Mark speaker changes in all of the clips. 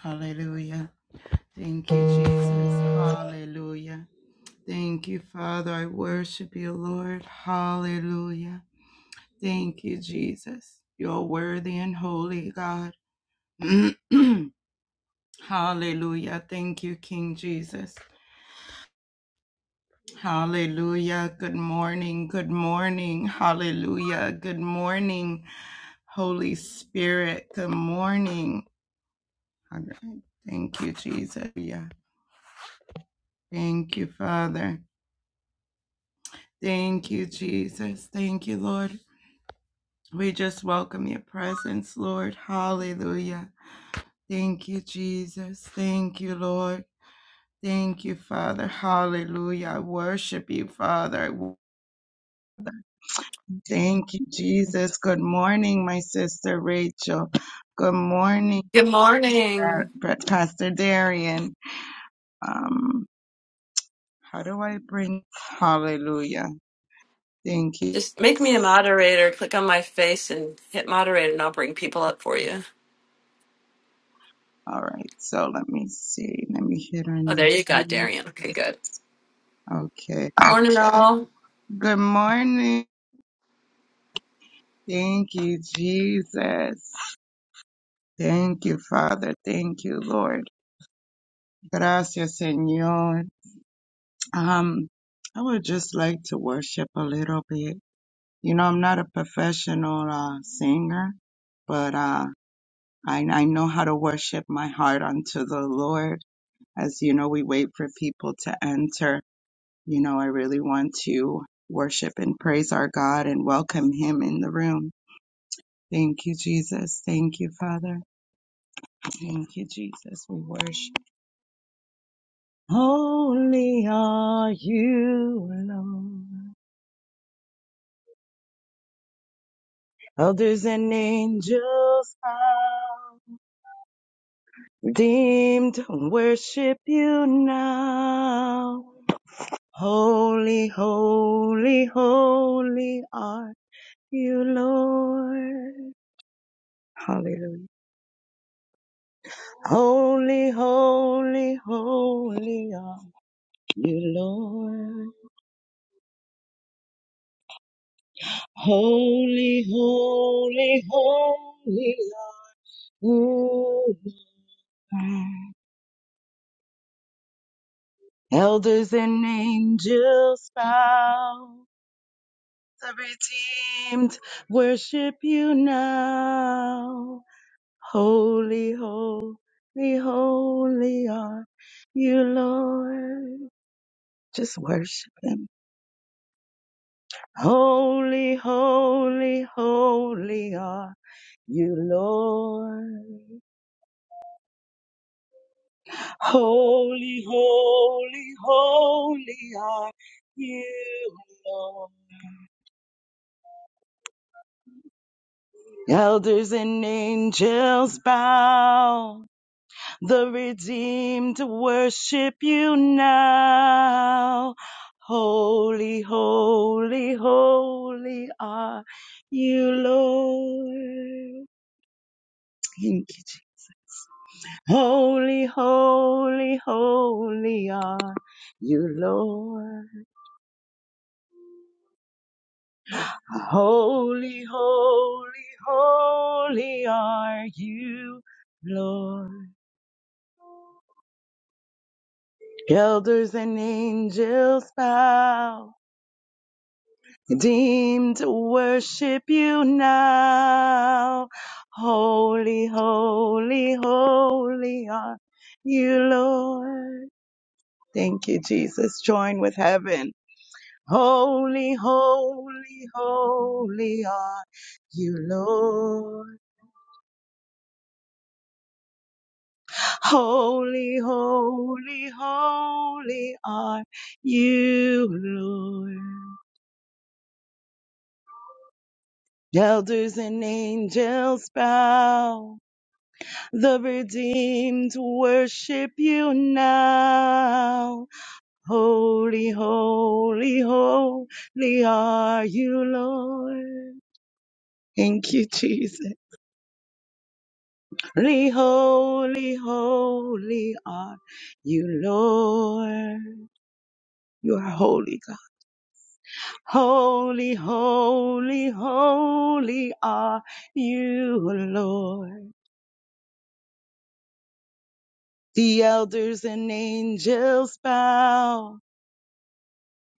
Speaker 1: Hallelujah. Thank you, Jesus. Hallelujah. Thank you, Father. I worship you, Lord. Hallelujah. Thank you, Jesus. You're worthy and holy, God. Hallelujah. Thank you, King Jesus. Hallelujah. Good morning. Good morning. Hallelujah. Good morning, Holy Spirit. Good morning. Thank you, Jesus. Yeah. Thank you, Father. Thank you, Jesus. Thank you, Lord. We just welcome your presence, Lord. Hallelujah. Thank you, Jesus. Thank you, Lord. Thank you, Father. Hallelujah. I worship you, Father. Thank you, Jesus. Good morning, my sister Rachel. Good morning,
Speaker 2: Good morning.
Speaker 1: Pa- Pastor Darian. Um, how do I bring? Hallelujah. Thank you.
Speaker 2: Just make me a moderator. Click on my face and hit moderate, and I'll bring people up for you.
Speaker 1: All right. So let me see. Let me hit on
Speaker 2: Oh, there you go,
Speaker 1: you.
Speaker 2: Darian. Okay, good.
Speaker 1: Okay.
Speaker 2: Morning, all.
Speaker 1: Good morning. Thank you, Jesus. Thank you, Father. Thank you, Lord. Gracias, Señor. Um, I would just like to worship a little bit. You know, I'm not a professional uh, singer, but uh, I, I know how to worship my heart unto the Lord. As you know, we wait for people to enter. You know, I really want to worship and praise our God and welcome Him in the room. Thank you, Jesus. Thank you, Father. Thank you, Jesus. We worship. Holy are you alone. Others and angels bow. Redeemed worship you now. Holy, holy, holy are you, Lord. Hallelujah. Holy, holy, holy are you, Lord. Holy, holy, holy Elders and angels bow. The redeemed worship you now. Holy, holy, holy are you, Lord. Just worship him. Holy, holy, holy are you, Lord. Holy, holy, holy are you, Lord. Elders and angels bow, the redeemed worship you now. Holy, holy, holy are you, Lord. Thank you, Jesus. Holy, holy, holy are you, Lord. Holy, holy, holy are you, Lord. Elders and angels bow, deemed to worship you now. Holy, holy, holy are you, Lord. Thank you, Jesus. Join with heaven. Holy, holy, holy are you, Lord. Holy, holy, holy are you, Lord. Elders and angels bow. The redeemed worship you now. Holy, holy, holy are you, Lord. Thank you, Jesus. Holy, holy, holy are you, Lord. You are holy, God. Holy, holy, holy are you, Lord. The elders and angels bow,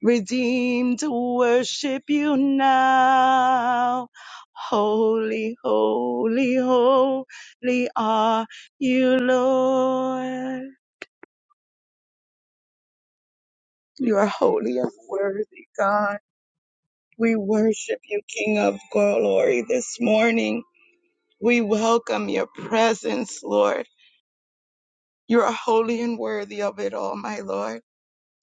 Speaker 1: redeemed to worship you now. Holy, holy, holy are you, Lord. You are holy and worthy, God. We worship you, King of glory, this morning. We welcome your presence, Lord. You are holy and worthy of it all, my Lord.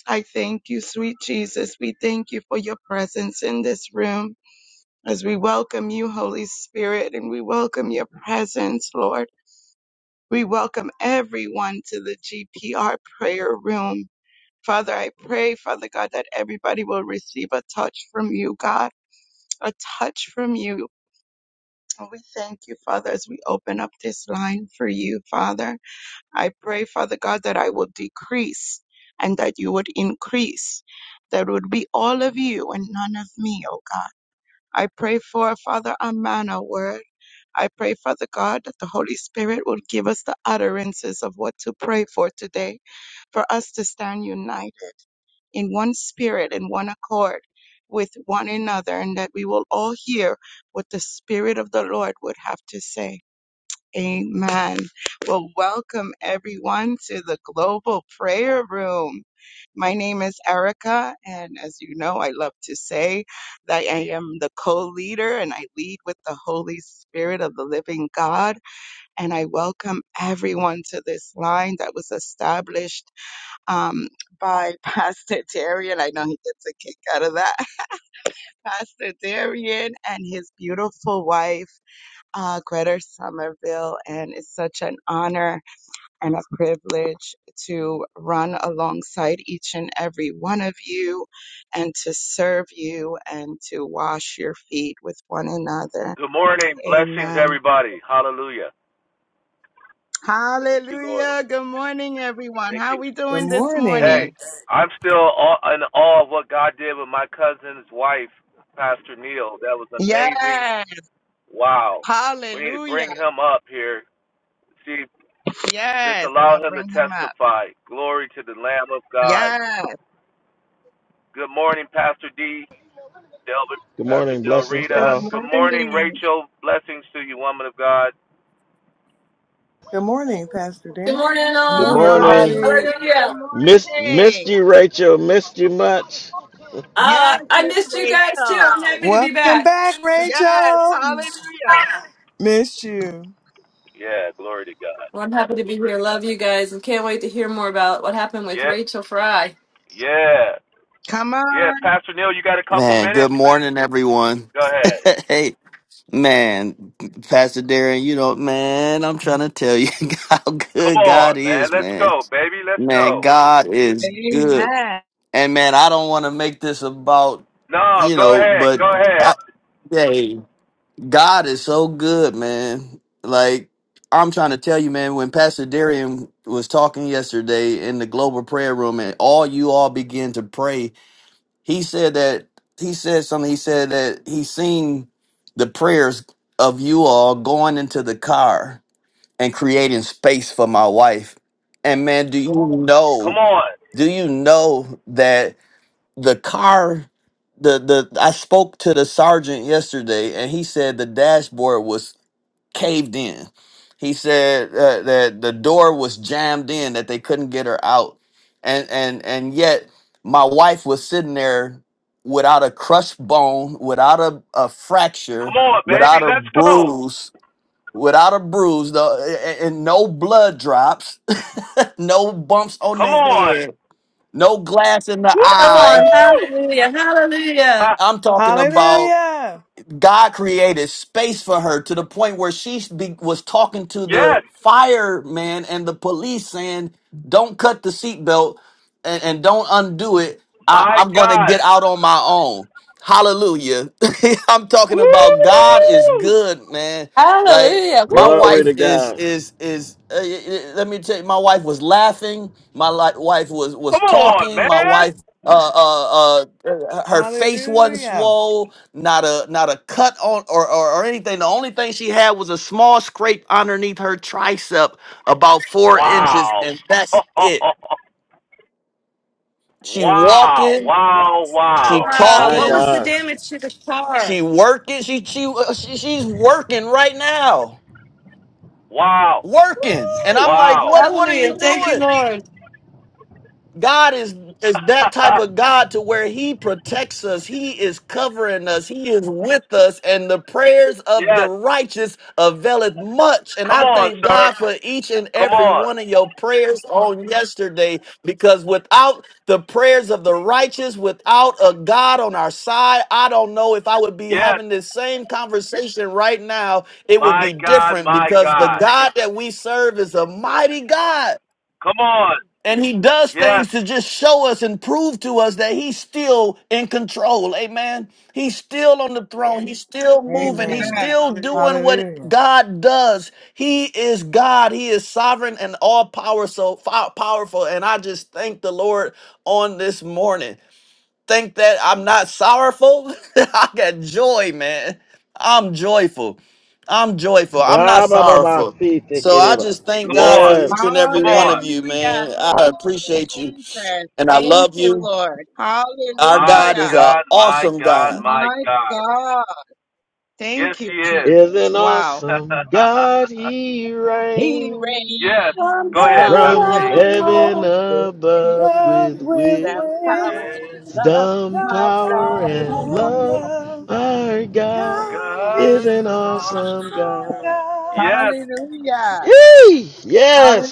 Speaker 1: I thank you, sweet Jesus. We thank you for your presence in this room as we welcome you, Holy Spirit, and we welcome your presence, Lord. We welcome everyone to the GPR prayer room. Father, I pray, Father God, that everybody will receive a touch from you, God, a touch from you. And we thank you, Father, as we open up this line for you, Father. I pray, Father God, that I will decrease and that you would increase. That would be all of you and none of me, oh God. I pray for, Father, a manna word. I pray, Father God, that the Holy Spirit will give us the utterances of what to pray for today, for us to stand united in one spirit and one accord with one another, and that we will all hear what the Spirit of the Lord would have to say. Amen. Well, welcome everyone to the Global Prayer Room. My name is Erica, and as you know, I love to say that I am the co leader and I lead with the Holy Spirit of the living God. And I welcome everyone to this line that was established um, by Pastor Darian. I know he gets a kick out of that. Pastor Darian and his beautiful wife uh, Greta Somerville, and it's such an honor and a privilege to run alongside each and every one of you and to serve you and to wash your feet with one another.
Speaker 3: Good morning. Blessings,
Speaker 1: Amen.
Speaker 3: everybody. Hallelujah. Thank you, Lord.
Speaker 1: Hallelujah. Good morning, everyone.
Speaker 3: Thank
Speaker 1: How
Speaker 3: you.
Speaker 1: we
Speaker 4: Good
Speaker 1: doing this
Speaker 4: morning.
Speaker 1: morning?
Speaker 3: Hey, I'm still aw- in awe of what God did with my cousin's wife, Pastor Neil. That was
Speaker 1: Yes.
Speaker 3: amazing. Wow. We need to
Speaker 1: Hallelujah.
Speaker 3: bring him up here. See, just
Speaker 1: Yes. I'm
Speaker 3: allow
Speaker 1: going to
Speaker 3: him to
Speaker 1: bring him up.
Speaker 3: testify. Glory to the Lamb of God.
Speaker 1: Yes.
Speaker 3: Good morning, Pastor D. Delbert,
Speaker 5: Good
Speaker 3: Pastor
Speaker 5: morning.
Speaker 3: Del
Speaker 5: Blessings to
Speaker 1: Good
Speaker 3: Rita.
Speaker 5: all.
Speaker 3: Good morning,
Speaker 1: morning.
Speaker 3: Rachel. Blessings to you, woman of God.
Speaker 4: Good morning, Pastor
Speaker 2: Good
Speaker 4: Darren.
Speaker 2: morning,
Speaker 4: Good
Speaker 5: Good
Speaker 2: all.
Speaker 4: morning,
Speaker 3: I'm,
Speaker 5: morning.
Speaker 2: How are
Speaker 4: everybody.
Speaker 1: Hallelujah.
Speaker 2: you?
Speaker 1: Good
Speaker 5: Miss,
Speaker 1: morning.
Speaker 5: missed you, Rachel. Missed you much.
Speaker 1: Yes,
Speaker 2: Uh, I
Speaker 1: Miss
Speaker 2: missed you guys too.
Speaker 1: Rachel.
Speaker 2: I'm happy to be
Speaker 4: Welcome
Speaker 2: back.
Speaker 4: back,
Speaker 1: Yes,
Speaker 4: Rachel.
Speaker 1: hallelujah.
Speaker 4: Missed you.
Speaker 3: yeah, glory to God.
Speaker 2: Well, I'm happy to be here. Love you guys, and can't wait to hear more about what happened with
Speaker 3: Yeah,
Speaker 2: Rachel Fry.
Speaker 3: yeah.
Speaker 1: Come
Speaker 3: Yeah,
Speaker 1: on.
Speaker 3: Pastor Neil, you got a couple
Speaker 6: Man, good
Speaker 3: minutes?
Speaker 6: morning, everyone.
Speaker 3: Go ahead.
Speaker 6: hey, man, Pastor Darren, you know, man, I'm trying to tell you how
Speaker 3: Come
Speaker 6: good God
Speaker 3: on, man.
Speaker 6: is,
Speaker 3: Let's
Speaker 6: man.
Speaker 3: go, baby. Let's
Speaker 6: Man,
Speaker 3: go.
Speaker 6: God is good.
Speaker 1: Amen.
Speaker 6: And man, I don't want to make this about,
Speaker 3: No,
Speaker 6: you
Speaker 3: go
Speaker 6: know,
Speaker 3: ahead.
Speaker 6: but
Speaker 3: Go ahead.
Speaker 6: I, hey, God is so good, man. Like, I'm trying to tell you, man, when Pastor Darian was talking yesterday in the global prayer room and all you all began to pray he said that he said something. He said that he seen the prayers of you all going into the car and creating space for my wife. And man, do you
Speaker 3: Come
Speaker 6: know?
Speaker 3: on.
Speaker 6: Do you know that the car? The the I spoke to the sergeant yesterday, and he said the dashboard was caved in. He said uh, that the door was jammed in, that they couldn't get her out, and and and yet my wife was sitting there without a crushed bone, without a, a
Speaker 3: Come
Speaker 6: fracture,
Speaker 3: on, baby.
Speaker 6: without a
Speaker 3: Let's go.
Speaker 6: bruise, without a bruise, though, and, and no blood drops, no bumps on
Speaker 3: Come
Speaker 6: the
Speaker 3: on.
Speaker 6: head, no glass in the
Speaker 2: Come
Speaker 6: eye.
Speaker 2: on, hallelujah, hallelujah,
Speaker 3: Ha.
Speaker 6: I'm talking about.
Speaker 4: Hallelujah.
Speaker 6: God created space for her to the point where she be, was talking to
Speaker 3: Yes.
Speaker 6: the fireman and the police saying, "Don't cut the seatbelt and, and don't undo it. I,
Speaker 3: My
Speaker 6: I'm going to
Speaker 3: God.
Speaker 6: get out on my own." Hallelujah! I'm talking about God is
Speaker 3: Woo!
Speaker 6: good, man. Like
Speaker 2: hallelujah!
Speaker 6: my
Speaker 2: Woo!
Speaker 5: Glory
Speaker 6: wife
Speaker 5: to
Speaker 6: is
Speaker 5: God.
Speaker 6: is is. Uh, y- y- let me tell you, my wife was laughing. My li- wife was was
Speaker 3: Come on,
Speaker 6: talking. My
Speaker 3: man.
Speaker 6: wife uh, uh, uh, her face wasn't
Speaker 4: Hallelujah.
Speaker 6: swole not a not a cut on or, or or anything. The only thing she had was a small scrape underneath her tricep, about four inches,
Speaker 3: Wow.
Speaker 6: and that's it. She
Speaker 3: wow.
Speaker 6: walking,
Speaker 3: Wow.
Speaker 6: she
Speaker 3: Wow.
Speaker 2: Wow,
Speaker 5: My
Speaker 2: what
Speaker 6: talking,
Speaker 2: was the
Speaker 5: God.
Speaker 2: damage to the car?
Speaker 6: she working. She she, uh, she she's working right now,
Speaker 3: Wow.
Speaker 6: working. And
Speaker 2: Woo!
Speaker 6: I'm like,
Speaker 3: Wow.
Speaker 6: what what are
Speaker 2: Hallelujah!
Speaker 6: you
Speaker 2: Thank you,
Speaker 6: doing?
Speaker 2: Lord.
Speaker 6: God is is that type of God to where he protects us, he is covering us, he is with us and the prayers of the
Speaker 3: yes.
Speaker 6: righteous availeth much. And
Speaker 3: Come
Speaker 6: I
Speaker 3: on,
Speaker 6: thank
Speaker 3: sir.
Speaker 6: God for each and
Speaker 3: Come
Speaker 6: every
Speaker 3: on.
Speaker 6: one of your prayers on yesterday because without the prayers of the righteous, without a God on our side, I don't know if I would be
Speaker 3: Yes.
Speaker 6: having this same conversation right now. It would
Speaker 3: My
Speaker 6: be
Speaker 3: God,
Speaker 6: different
Speaker 3: my
Speaker 6: because the
Speaker 3: God.
Speaker 6: God that we serve is a mighty God.
Speaker 3: Come on.
Speaker 6: And he does
Speaker 3: Yes.
Speaker 6: things to just show us and prove to us that he's still in control. Amen. He's still on the throne. He's still moving. He's
Speaker 4: Amen.
Speaker 1: Amen.
Speaker 6: still doing what
Speaker 4: Hallelujah.
Speaker 6: God does. He is God. He is sovereign and all power, so powerful. And I just thank the Lord on this morning think that I'm not sorrowful. I got joy, man. I'm joyful. I'm joyful. I'm not sorrowful. So I
Speaker 5: Ra-ba-ba-ba-fi-ti-ki-ri-ba.
Speaker 6: just thank
Speaker 3: Come
Speaker 6: God for
Speaker 3: on.
Speaker 5: Yes.
Speaker 6: each and every
Speaker 3: Come
Speaker 6: one
Speaker 3: on.
Speaker 6: of you,
Speaker 1: Hallelujah.
Speaker 6: man.
Speaker 1: Thank
Speaker 6: I
Speaker 1: you,
Speaker 6: appreciate you
Speaker 1: Jesus.
Speaker 6: and I
Speaker 1: Thank
Speaker 6: love
Speaker 1: you,
Speaker 6: you.
Speaker 1: Lord.
Speaker 6: Our
Speaker 3: My
Speaker 6: God
Speaker 1: Hallelujah.
Speaker 6: is an
Speaker 3: God, my
Speaker 6: awesome
Speaker 3: God,
Speaker 6: God.
Speaker 3: my
Speaker 1: My
Speaker 3: God.
Speaker 1: God.
Speaker 3: Yes,
Speaker 1: Thank you,
Speaker 3: he is.
Speaker 5: Is
Speaker 1: Jesus.
Speaker 5: an
Speaker 1: Wow.
Speaker 5: awesome God he
Speaker 1: He
Speaker 5: reigns
Speaker 3: yes.
Speaker 2: From
Speaker 1: reigns
Speaker 3: Go ahead,
Speaker 1: from
Speaker 3: Pastor
Speaker 5: from
Speaker 1: heaven
Speaker 3: D.
Speaker 2: heaven
Speaker 1: and
Speaker 5: heaven
Speaker 2: above.
Speaker 1: earth with
Speaker 5: above
Speaker 1: his
Speaker 4: Love
Speaker 5: with
Speaker 4: with
Speaker 5: wisdom,
Speaker 1: power
Speaker 4: wisdom,
Speaker 1: and
Speaker 3: With
Speaker 1: love. My
Speaker 5: power,
Speaker 1: God
Speaker 4: power,
Speaker 1: is
Speaker 5: and
Speaker 4: and
Speaker 5: love.
Speaker 1: enough.
Speaker 4: love.
Speaker 5: Our God
Speaker 4: God
Speaker 3: God
Speaker 5: is
Speaker 4: is
Speaker 3: is
Speaker 5: an
Speaker 3: the Lord.
Speaker 5: awesome
Speaker 4: our
Speaker 5: God.
Speaker 4: God.
Speaker 3: Yes.
Speaker 1: Hallelujah.
Speaker 5: Yee!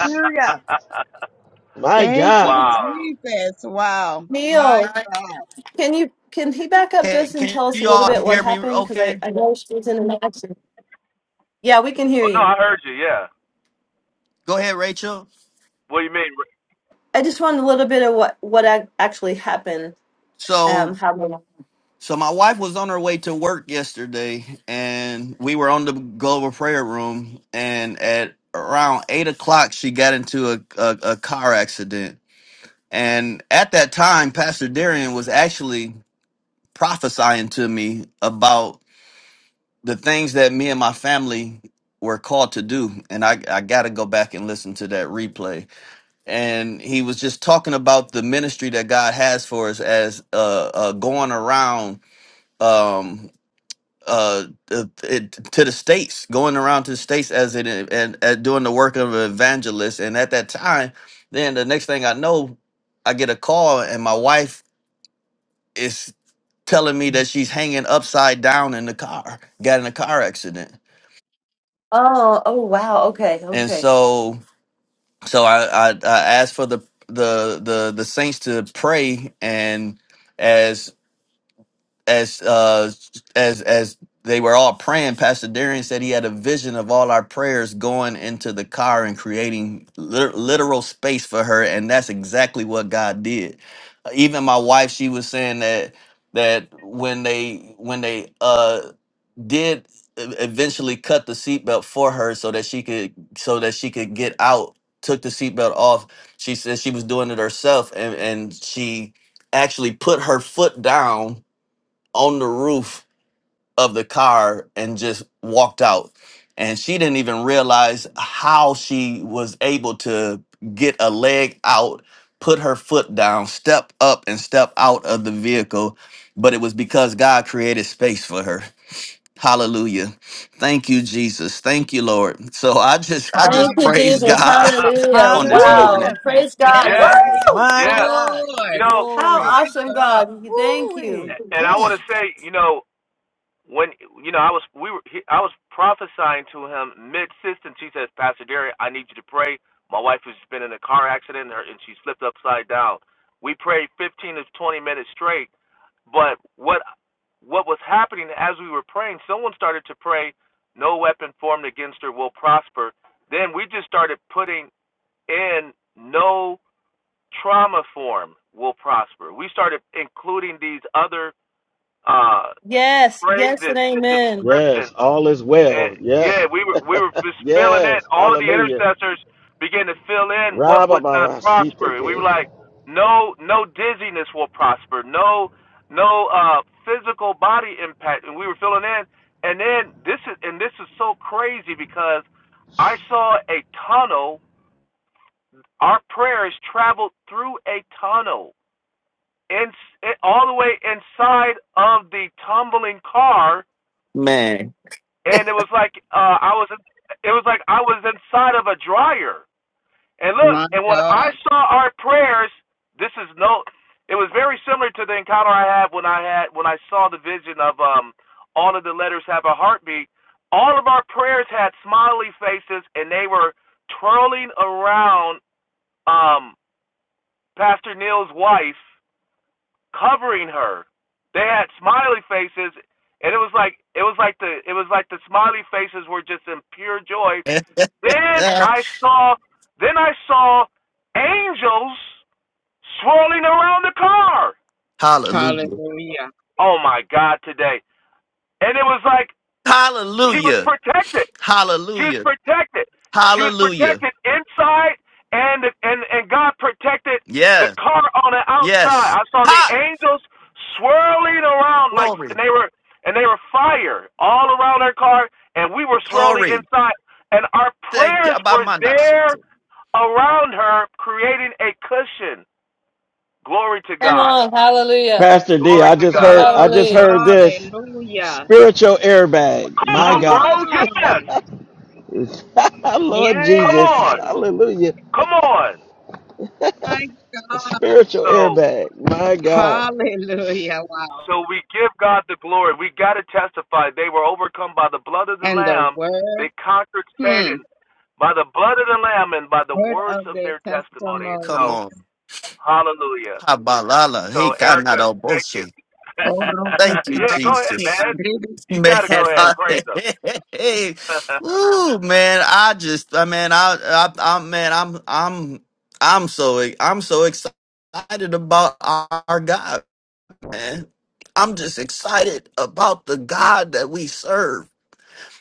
Speaker 5: My
Speaker 1: Thank
Speaker 5: God.
Speaker 1: you,
Speaker 3: wow.
Speaker 1: Jesus. Wow. My
Speaker 2: Neil,
Speaker 1: God.
Speaker 2: can you can he back up
Speaker 6: Can,
Speaker 2: just and
Speaker 6: can
Speaker 2: tell us a
Speaker 6: you
Speaker 2: little
Speaker 6: all
Speaker 2: bit what
Speaker 6: hear me
Speaker 2: happened? Because I,
Speaker 6: okay?
Speaker 2: I know she was in an accident. Yeah, we can hear
Speaker 3: Oh, no,
Speaker 2: you.
Speaker 3: I heard you. Yeah.
Speaker 6: Go ahead, Rachel.
Speaker 3: What do you mean?
Speaker 2: I just wanted a little bit of what what ac- actually happened.
Speaker 6: So.
Speaker 2: Um, how they-
Speaker 6: So my wife was on her way to work yesterday, and we were on the global prayer room. And at around eight o'clock, she got into a, a, a car accident. And at that time, Pastor Darian was actually prophesying to me about the things that me and my family were called to do. And I, I got to go back and listen to that replay. And he was just talking about the ministry that God has for us as uh, uh, going around. Um, uh, uh, it, to the states, going around to the states as it and, and doing the work of an evangelist. And at that time, then the next thing I know, I get a call, and my wife is telling me that she's hanging upside down in the car, got in a car accident.
Speaker 2: Oh, oh wow. Okay,
Speaker 6: And
Speaker 2: okay.
Speaker 6: so, so I I, I asked for the the the the saints to pray and. as uh as as they were all praying pastor darian said he had a vision of all our prayers going into the car and creating lit- literal space for her and that's exactly what god did Uh, even my wife she was saying that that when they when they uh did e- eventually cut the seatbelt for her so that she could so that she could get out took the seatbelt off she said she was doing it herself and and she actually put her foot down on the roof of the car and just walked out. And she didn't even realize how she was able to get a leg out, put her foot down, step up, and step out of the vehicle. But it was because God created space for her. Hallelujah. Thank you, Jesus. Thank you, Lord. So I just I just
Speaker 2: Thank you,
Speaker 6: praise
Speaker 2: Jesus.
Speaker 6: God
Speaker 1: Hallelujah.
Speaker 2: Hallelujah.
Speaker 1: Thank
Speaker 6: on
Speaker 1: you,
Speaker 6: this
Speaker 3: Woo!
Speaker 6: morning.
Speaker 4: Hallelujah.
Speaker 2: Wow.
Speaker 1: Jesus.
Speaker 4: Thank
Speaker 2: Praise
Speaker 4: you,
Speaker 2: God.
Speaker 3: Yes.
Speaker 4: Jesus.
Speaker 1: Yes,
Speaker 2: Woo!
Speaker 4: My
Speaker 3: Yeah.
Speaker 4: God.
Speaker 3: You
Speaker 1: Lord.
Speaker 3: know,
Speaker 2: How
Speaker 4: Glory.
Speaker 2: awesome,
Speaker 1: God.
Speaker 2: God. Thank you.
Speaker 4: Woo-wee.
Speaker 3: and I
Speaker 4: Mm.
Speaker 3: want to say, you know, when you know I was we were he, I was prophesying to him mid system. She says, Pastor Derry, I need you to pray. My wife has been in a car accident and, her, and she slipped upside down. We prayed 15 to 20 minutes straight. But what what was happening as we were praying? Someone started to pray, "No weapon formed against her will prosper." Then we just started putting in no trauma form will prosper. We started including these other uh,
Speaker 2: Yes, yes,
Speaker 3: phrases
Speaker 2: and
Speaker 3: and
Speaker 2: amen.
Speaker 5: Yes,
Speaker 3: descriptions.
Speaker 5: all is
Speaker 3: And
Speaker 5: well.
Speaker 3: yeah,
Speaker 5: Yes,
Speaker 3: we were we were just filling in.
Speaker 5: yes.
Speaker 3: All of the
Speaker 5: Hallelujah.
Speaker 3: intercessors began to fill in what would not prosper. And we
Speaker 5: Rabba-ba-ba-si-ti-ki.
Speaker 3: were like, no, no dizziness will prosper. No, no uh, physical body impact. And we were filling in. And then this is and this is so crazy because I saw a tunnel. Our prayers traveled through a tunnel, and all the way inside of the tumbling car
Speaker 6: Man.
Speaker 3: and it was like uh I was it was like I was inside of a dryer. And look,
Speaker 1: My
Speaker 3: and when
Speaker 1: God.
Speaker 3: I saw our prayers, this is no it was very similar to the encounter I had when I had when I saw the vision of um all of the letters have a heartbeat. All of our prayers had smiley faces and they were twirling around um Pastor Neil's wife covering her. They had smiley faces, and it was like it was like the it was like the smiley faces were just in pure joy. Then I saw then I saw angels swirling around the car.
Speaker 6: Hallelujah.
Speaker 1: Hallelujah.
Speaker 3: Oh my God, today! And it was like she was
Speaker 6: Hallelujah.
Speaker 3: protected. She was
Speaker 6: Hallelujah.
Speaker 3: protected. She was
Speaker 6: Hallelujah.
Speaker 3: protected inside, and and and God protected the
Speaker 6: Yeah.
Speaker 3: car on the outside.
Speaker 6: Yes.
Speaker 3: I saw the
Speaker 6: Hi.
Speaker 3: angels swirling around like,
Speaker 6: Glory.
Speaker 3: and they were and they were fire all around our car, and we were swirling
Speaker 6: Glory.
Speaker 3: inside, and our
Speaker 6: Thank you.
Speaker 3: prayers were there
Speaker 6: Abamanashite.
Speaker 3: around her, creating a cushion. Glory to
Speaker 2: Come
Speaker 3: God.
Speaker 2: on. Hallelujah.
Speaker 5: Pastor D,
Speaker 3: Glory
Speaker 5: I
Speaker 3: to
Speaker 5: just
Speaker 3: God.
Speaker 5: heard I
Speaker 1: God.
Speaker 5: just
Speaker 2: Hallelujah.
Speaker 5: heard this
Speaker 1: Hallelujah.
Speaker 5: spiritual airbag.
Speaker 3: Come
Speaker 5: My
Speaker 1: Come
Speaker 3: on, bro.
Speaker 5: God.
Speaker 3: Yes.
Speaker 1: on.
Speaker 5: Lord
Speaker 3: Come
Speaker 5: Jesus.
Speaker 3: on.
Speaker 1: Yes.
Speaker 5: Hallelujah.
Speaker 3: Come on.
Speaker 1: My God.
Speaker 5: Spiritual
Speaker 3: So.
Speaker 5: airbag. My God.
Speaker 1: Hallelujah. Wow.
Speaker 3: So we give God the glory. We got to testify. They were overcome by the blood of the
Speaker 1: And the
Speaker 3: Lamb.
Speaker 1: word,
Speaker 3: They conquered
Speaker 1: hmm,
Speaker 3: Satan by the blood of the Lamb and by the
Speaker 1: word
Speaker 3: words
Speaker 1: of
Speaker 3: of
Speaker 1: the
Speaker 3: their testimony. And
Speaker 6: Come
Speaker 3: so,
Speaker 1: testimonies.
Speaker 6: on.
Speaker 3: hallelujah.
Speaker 6: Habalala. He
Speaker 3: So, Erica,
Speaker 6: kanado
Speaker 3: thank you.
Speaker 6: boshe.
Speaker 1: Oh, Robo
Speaker 6: Thank you,
Speaker 3: yeah, go ahead,
Speaker 6: Jesus.
Speaker 1: Sarabashika,
Speaker 3: man. You
Speaker 6: Man.
Speaker 3: got to go ahead.
Speaker 6: I-
Speaker 1: Rebe
Speaker 3: Praise them.
Speaker 6: Ooh, man. I just I mean I I I man, I'm I'm I'm so I'm so excited about our God, man. I'm just excited about the God that we serve.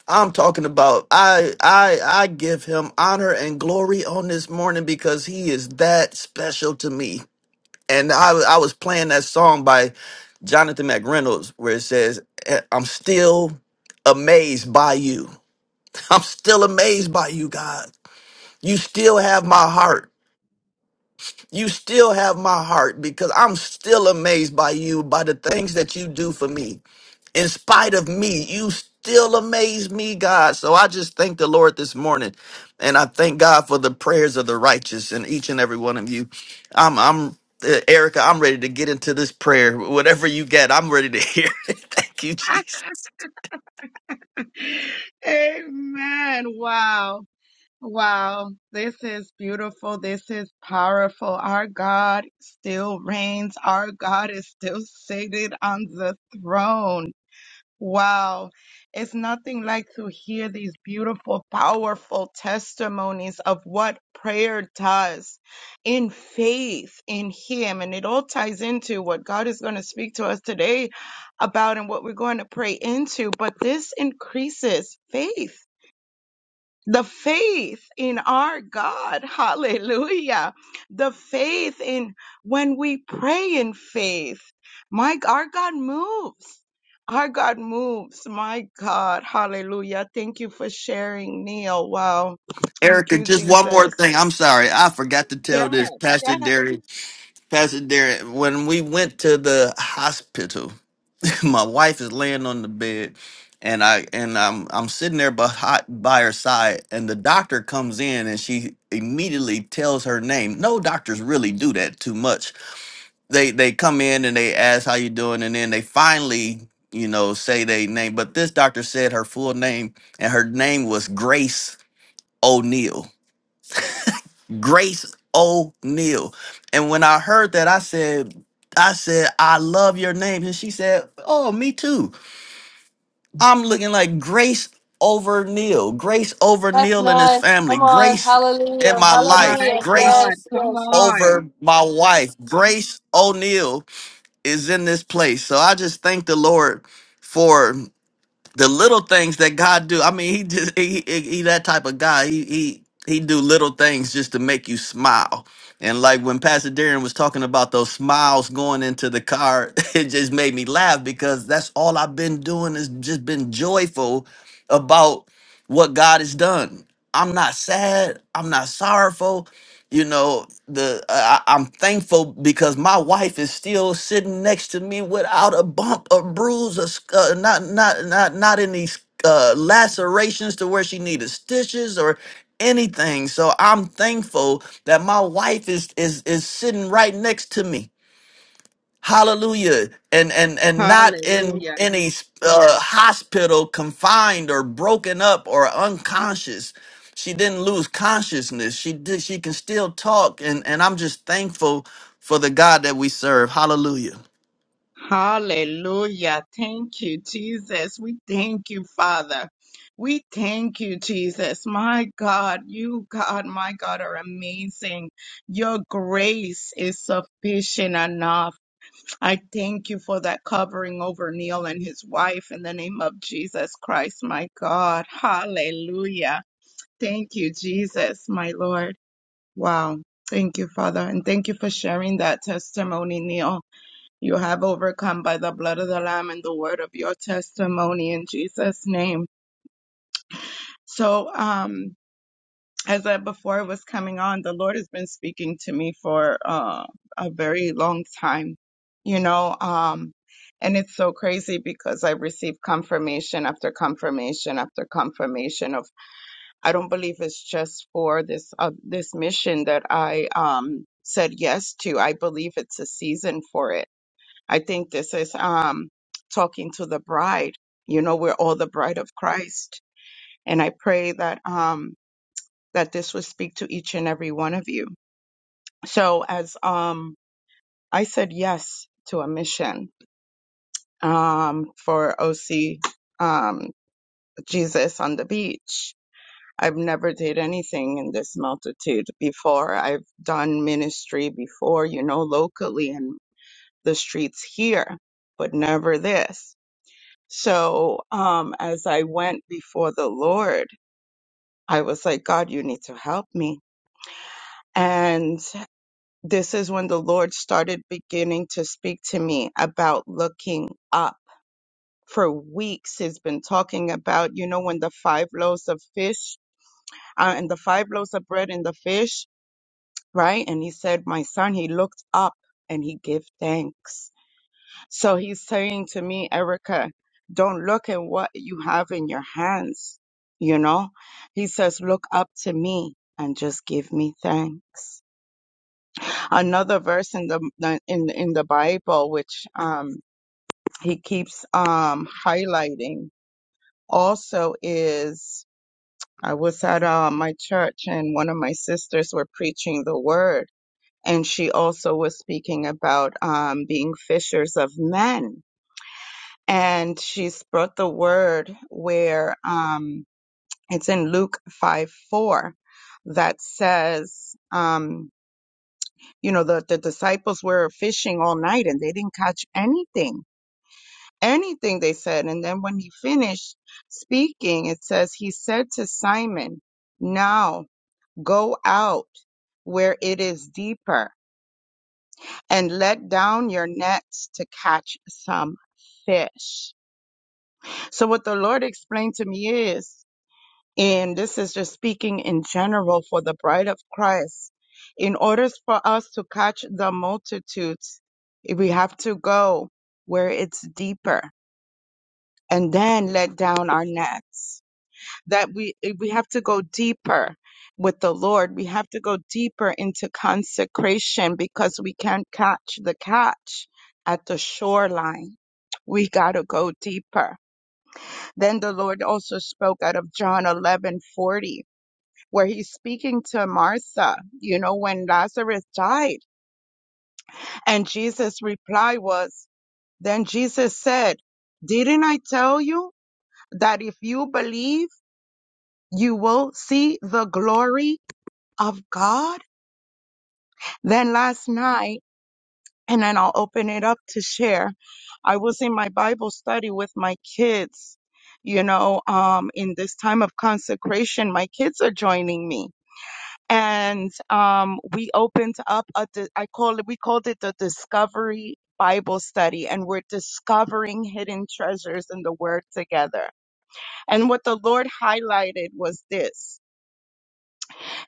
Speaker 6: I'm talking about I I I give him honor and glory on this morning because he is that special to me. And I I was playing that song by Jonathan McReynolds where it says "Eh, I'm still amazed by you. I'm still amazed by you, God. You still have my heart. You still have my heart because I'm still amazed by you by the things that you do for me in spite of me, you still amaze me, God. So I just thank the Lord this morning. And I thank God for the prayers of the righteous and each and every one of you. I'm, I'm, uh, Erica, I'm ready to get into this prayer. Whatever you get, I'm ready to hear it. Thank you, Jesus.
Speaker 1: Amen. Wow. Wow. This is beautiful. This is powerful. Our God still reigns. Our God is still seated on the throne. Wow. It's nothing like to hear these beautiful, powerful testimonies of what prayer does in faith in Him. And it all ties into what God is going to speak to us today about and what we're going to pray into. But this increases faith the faith in our God. Hallelujah. The faith in when we pray in faith. My our God moves. Our God moves. My God. Hallelujah. Thank you for sharing, Neil. Wow. Thank
Speaker 6: Erica,
Speaker 1: you,
Speaker 6: just one more
Speaker 1: Jesus.
Speaker 6: thing. I'm sorry. I forgot to tell
Speaker 1: Yeah,
Speaker 6: this, Pastor
Speaker 1: yeah.
Speaker 6: Darius. Pastor Derek, when we went to the hospital, my wife is laying on the bed, and I and I'm I'm sitting there by, hot by her side, and the doctor comes in, and she immediately tells her name. No doctors really do that too much. They they come in and they ask how you doing, and then they finally you know say they name. But this doctor said her full name, and her name was Grace O'Neill. Grace O'Neal. And when I heard that, I said, I said, I love your name. And she said, Oh, me too. I'm looking like Grace over Neil, Grace over
Speaker 2: That's
Speaker 6: Neil and his
Speaker 2: nice.
Speaker 6: family,
Speaker 2: Come on.
Speaker 6: Grace in
Speaker 2: Hallelujah.
Speaker 6: my
Speaker 1: My
Speaker 6: life,
Speaker 2: Hallelujah.
Speaker 6: Grace
Speaker 1: God.
Speaker 2: Yes,
Speaker 1: Come
Speaker 2: yes.
Speaker 6: over
Speaker 1: on.
Speaker 6: my wife, Grace O'Neal is in this place. So I just thank the Lord for the little things that God do. I mean, he just he he, he that type of guy. He he he do little things just to make you smile. And like when Pastor Darren was talking about those smiles going into the car, it just made me laugh because that's all I've been doing is just been joyful about what God has done. I'm not sad. I'm not sorrowful you know the I, I- am thankful because my wife is still sitting next to me without a bump a bruise a, sc- uh, not not not not in these uh, lacerations to where she needed stitches or anything so i'm thankful that my wife is is is sitting right next to me hallelujah and and and not in
Speaker 1: Hallelujah.
Speaker 6: any uh, hospital confined or broken up or unconscious she didn't lose consciousness she did she can still talk and and i'm just thankful for the god that we serve hallelujah
Speaker 1: Hallelujah. Thank you, Jesus. We thank you, Father. We thank you, Jesus. My God, you, God, my God, are amazing. Your grace is sufficient enough. I thank you for that covering over Neil and his wife in the name of Jesus Christ, my God. Hallelujah. Thank you, Jesus, my Lord. Wow. Thank you, Father. And thank you for sharing that testimony, Neil. You have overcome by the blood of the Lamb and the word of your testimony in Jesus' name. So, um, as I before I was coming on, the Lord has been speaking to me for uh, a very long time, you know, um, and it's so crazy because I received confirmation after confirmation after confirmation of I don't believe it's just for this uh, this mission that I um, said yes to. I believe it's a season for it I think this is um, talking to the bride. You know, we're all the bride of Christ, and I pray that um, that this would speak to each and every one of you. So, as um, I said yes to a mission um, for OC um, Jesus on the beach. I've never did anything in this multitude before. I've done ministry before, you know, locally in the streets here, but never this. So, um, as I went before the Lord, I was like, God, you need to help me. And this is when the Lord started beginning to speak to me about looking up. For weeks, He's been talking about, you know, when the five loaves of fish uh, and the five loaves of bread and the fish, right? And He said, My son, he looked up and he gave thanks So he's saying to me, Erica, don't look at what you have in your hands. You know, he says, look up to me and just give me thanks. Another verse in the in in the Bible, which um, he keeps um, highlighting, also is I was at uh, my church and one of my sisters were preaching the word, and she also was speaking about um, being fishers of men and she brought the word where um, it's in Luke 5 4 that says, um, you know, the, the disciples were fishing all night and they didn't catch anything, anything they said. And then when he finished speaking, it says, he said to Simon, now go out where it is deeper and let down your nets to catch some fish. So what the Lord explained to me is And this is just speaking in general for the bride of Christ. In order for us to catch the multitudes, we have to go where it's deeper and then let down our nets. That we, we have to go deeper with the Lord. We have to go deeper into consecration because we can't catch the catch at the shoreline we got to go deeper. Then the Lord also spoke out of John eleven forty where he's speaking to Martha, you know, when Lazarus died. And Jesus' reply was, Then Jesus said, Didn't I tell you that if you believe, you will see the glory of God? Then last night, and then I'll open it up to share. I was in my Bible study with my kids, you know, um, in this time of consecration, my kids are joining me and um, we opened up a di- I call it we called it the Discovery Bible Study, and we're discovering hidden treasures in the Word together. And what the Lord highlighted was this: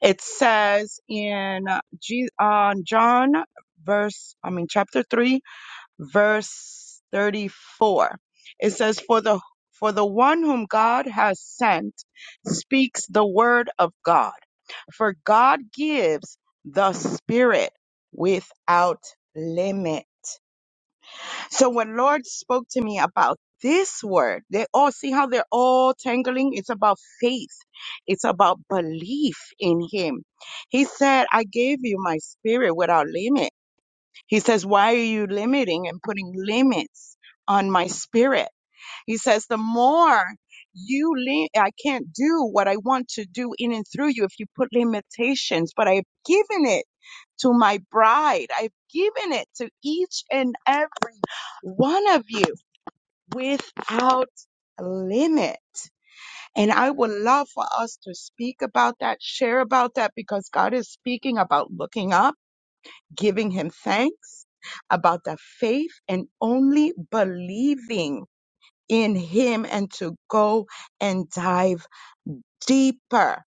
Speaker 1: it says in uh, G- uh, John verse, I mean chapter three, verse thirty-four. It says, "For the for the one whom God has sent speaks the word of God." For God gives the Spirit without limit. So when Lord spoke to me about this word, they all see how they're all tangling. It's about faith. It's about belief in him. He said, I gave you my spirit without limit. He says, why are you limiting and putting limits on my spirit? He says, the more you lean, I can't do what I want to do in and through you if you put limitations, but I've given it to my bride. I've given it to each and every one of you without limit. And I would love for us to speak about that, share about that, because God is speaking about looking up, giving Him thanks, about the faith, and only believing in Him and to go and dive deeper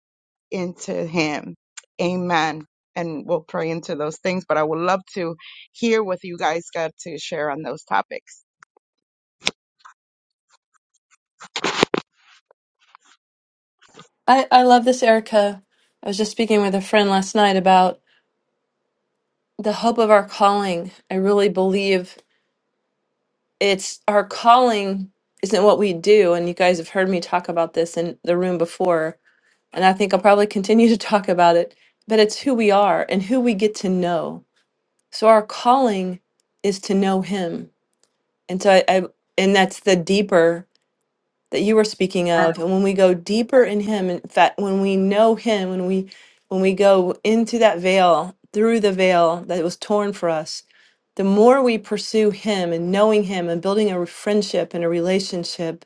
Speaker 1: into Him. Amen. And we'll pray into those things, but I would love to hear what you guys got to share on those topics.
Speaker 2: I, I love this, Erica. I was just speaking with a friend last night about the hope of our calling. I really believe it's our calling isn't what we do. And you guys have heard me talk about this in the room before. And I think I'll probably continue to talk about it. But it's who we are and who we get to know. So our calling is to know Him. And so I, I and that's the deeper that you were speaking of and when we go deeper in him in fact when we know him when we when we go into that veil through the veil that was torn for us the more we pursue him and knowing him and building a friendship and a relationship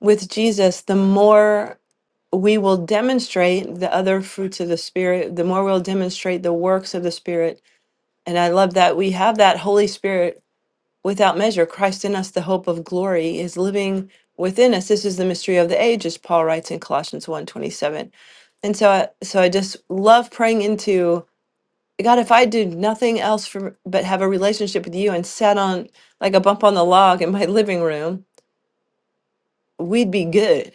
Speaker 2: with jesus the more we will demonstrate the other fruits of the spirit the more we'll demonstrate the works of the spirit and i love that we have that holy spirit without measure, Christ in us, the hope of glory, is living within us. This is the mystery of the age, as Paul writes in Colossians one twenty seven. And so I, so I just love praying into God, if I do nothing else for, but have a relationship with you and sat on like a bump on the log in my living room, we'd be good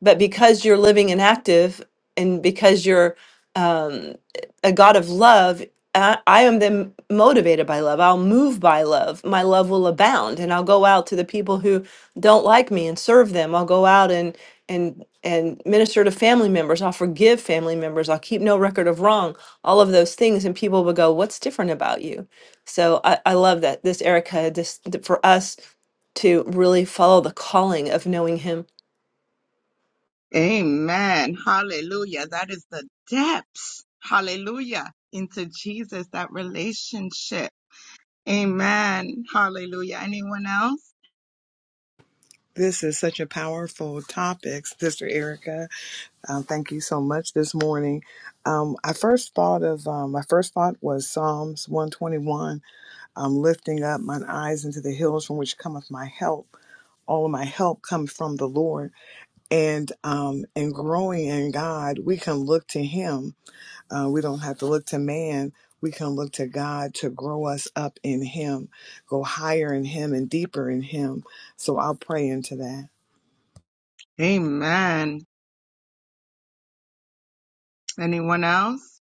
Speaker 2: but because you're living and active and because you're um, a god of love I, I am then motivated by love i'll move by love my love will abound and i'll go out to the people who don't like me and serve them i'll go out and and and minister to family members i'll forgive family members i'll keep no record of wrong all of those things and people will go what's different about you so i, I love that this erica this for us to really follow the calling of knowing him
Speaker 1: Amen. Hallelujah. That is the depths. Hallelujah. Into Jesus, that relationship. Amen. Hallelujah. Anyone else?
Speaker 4: This is such a powerful topic, Sister Erica. Um, thank you so much this morning. Um, I first thought of um, my first thought was Psalms one twenty one. I'm lifting up mine eyes into the hills from which cometh my help. all of my help comes from the Lord. And um, in growing in God, we can look to Him Uh, we don't have to look to man. We can look to God to grow us up in Him, go higher in Him and deeper in Him. So I'll pray into that.
Speaker 1: Amen. Anyone else?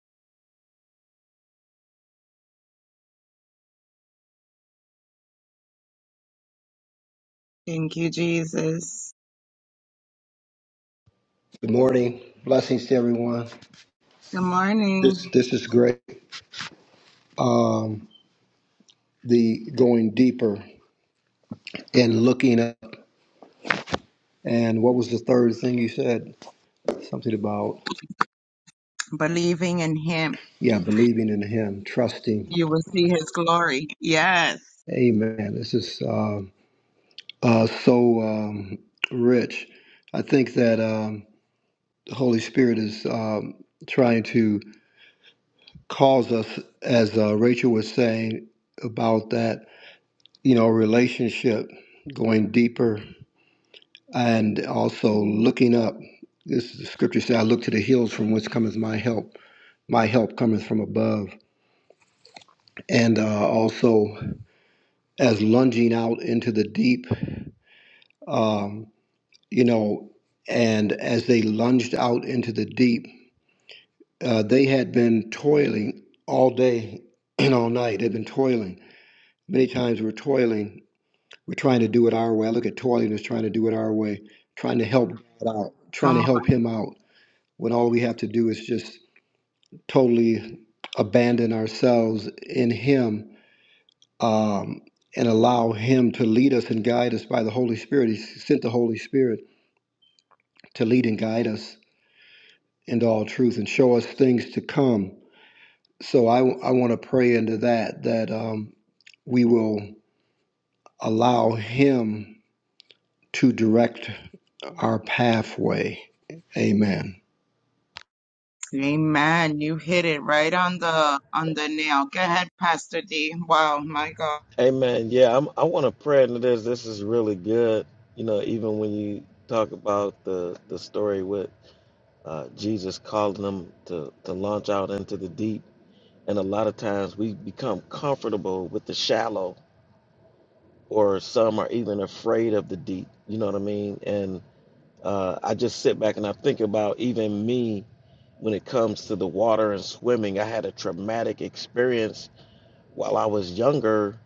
Speaker 1: Thank you, Jesus.
Speaker 7: Good morning. Blessings to everyone.
Speaker 1: Good morning.
Speaker 7: This this is great. Um, the going deeper and looking up. And what was the third thing you said? Something about
Speaker 1: believing in him,
Speaker 7: yeah, believing in Him, trusting.
Speaker 1: you will see his glory. Yes.
Speaker 7: Amen. This is um uh, so um, rich. I think that um, the Holy Spirit is um, trying to cause us, as uh, Rachel was saying about that, you know, relationship going deeper and also looking up. This is the scripture says, "I look to the hills from which cometh my help. My help cometh from above." And uh, also as lunging out into the deep, um, you know, and as they lunged out into the deep, uh, they had been toiling all day and all night. They've been toiling. Many times we're toiling. We're trying to do it our way. I look at toiling as trying to do it our way, trying to help God out, trying
Speaker 1: Come
Speaker 7: to help
Speaker 1: on.
Speaker 7: Him out when all we have to do is just totally abandon ourselves in Him um, and allow Him to lead us and guide us by the Holy Spirit. He sent the Holy Spirit to lead and guide us into all truth and show us things to come. So I, I want to pray into that, that um, we will allow Him to direct our pathway. Amen.
Speaker 1: Amen. You hit it right on the on the nail. Go ahead, Pastor D. Wow, my God.
Speaker 5: Amen. Yeah, I'm, I want to pray into this. This is really good. You know, even when you talk about the the story with uh, Jesus calling them to, to launch out into the deep. And a lot of times we become comfortable with the shallow, or some are even afraid of the deep. You know what I mean? And uh, I just sit back and I think about even me when it comes to the water and swimming. I had a traumatic experience while I was younger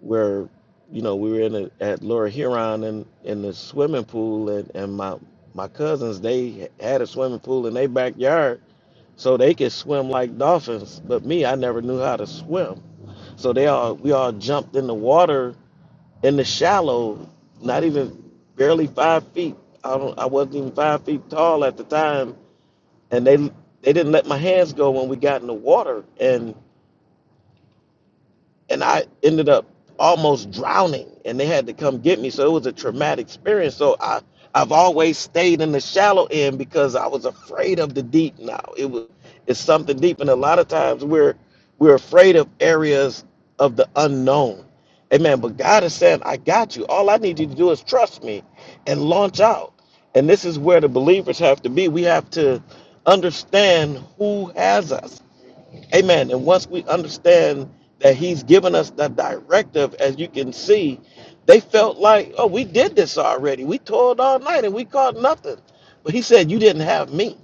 Speaker 5: where, you know, we were in a, at Laura Huron in, in the swimming pool, and, and my, my cousins, they had a swimming pool in their backyard So they could swim like dolphins, but me, I never knew how to swim. So they all we all jumped in the water in the shallow, not even barely five feet. I don't I wasn't even five feet tall at the time. And they they didn't let my hands go when we got in the water. And and I ended up almost drowning and they had to come get me. So it was a traumatic experience. So I I've always stayed in the shallow end because I was afraid of the deep now. It was it's something deep and a lot of times we're we're afraid of areas of the unknown. Amen. But God is saying, I got you. All I need you to do is trust me and launch out. And this is where the believers have to be. We have to understand who has us Amen. And once we understand that he's given us the directive, as you can see, they felt like, oh, we did this already. We toiled all night and we caught nothing. But he said, you didn't have me.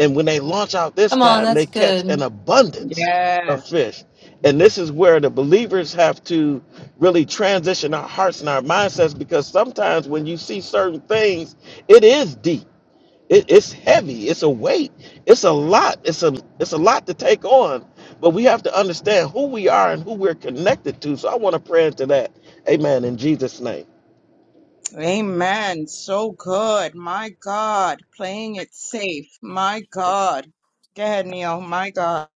Speaker 5: And when they launch out this
Speaker 2: Come on,
Speaker 5: time,
Speaker 2: that's
Speaker 5: they catch an
Speaker 2: good.
Speaker 5: abundance of
Speaker 1: Yes.
Speaker 5: fish. And this is where the believers have to really transition our hearts and our mindsets because sometimes when you see certain things, it is deep it, it's heavy. It's a weight. It's a lot. It's a it's a lot to take on. But we have to understand who we are and who we're connected to. So I want to pray into that. Amen. In Jesus' name.
Speaker 1: Amen. So good. My God. Playing it safe. My God. Go ahead, Neil. My God.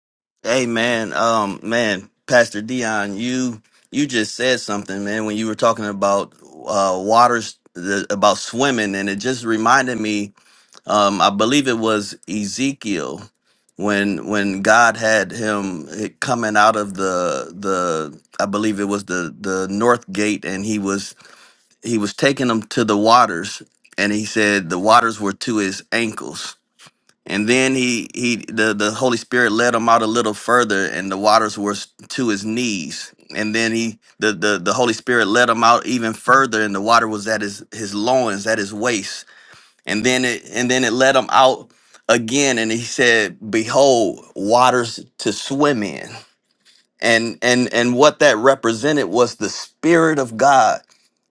Speaker 6: amen um man pastor dion you you just said something man when you were talking about uh waters the, about swimming and it just reminded me um, I believe it was Ezekiel when when God had him eh, coming out of the the I believe it was the the north gate and he was he was taking him to the waters and he said the waters were to his ankles and then he he the the Holy Spirit led him out a little further and the waters were s- to his knees and then he the the, the Holy Spirit led him out even further and the water was at his his loins at his waist and then it and then it let him out again and he said behold waters to swim in and and and what that represented was the spirit of god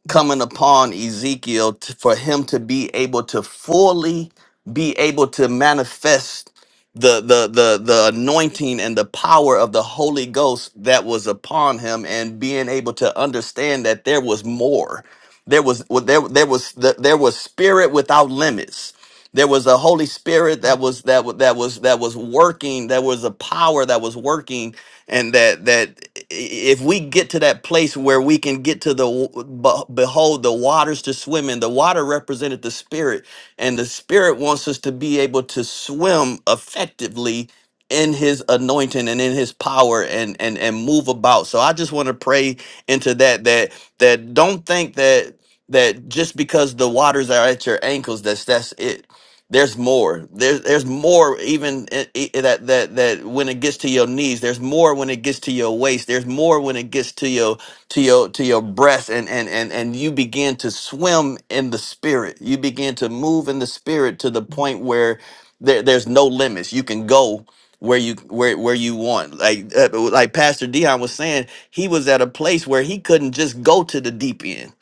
Speaker 6: coming upon Ezekiel t- for him to be able to fully be able to manifest the the the the anointing and the power of the Holy Ghost that was upon him and being able to understand that there was more there was well, there there was there was spirit without limits there was a holy spirit that was that wa- that was that was working there was a power that was working and that that if we get to that place where we can get to the w- be- behold the waters to swim in the water represented the spirit and the spirit wants us to be able to swim effectively in his anointing and in his power and and and move about so i just want to pray into that that that don't think that that just because the waters are at your ankles that's that's it there's more. There's there's more even i i that that that when it gets to your knees. There's more when it gets to your waist. There's more when it gets to your to your to your breast, and and and and you begin to swim in the spirit. You begin to move in the spirit to the point where there, there's no limits. You can go where you where where you want. Like uh, like Pastor Dion was saying, he was at a place where he couldn't just go to the deep end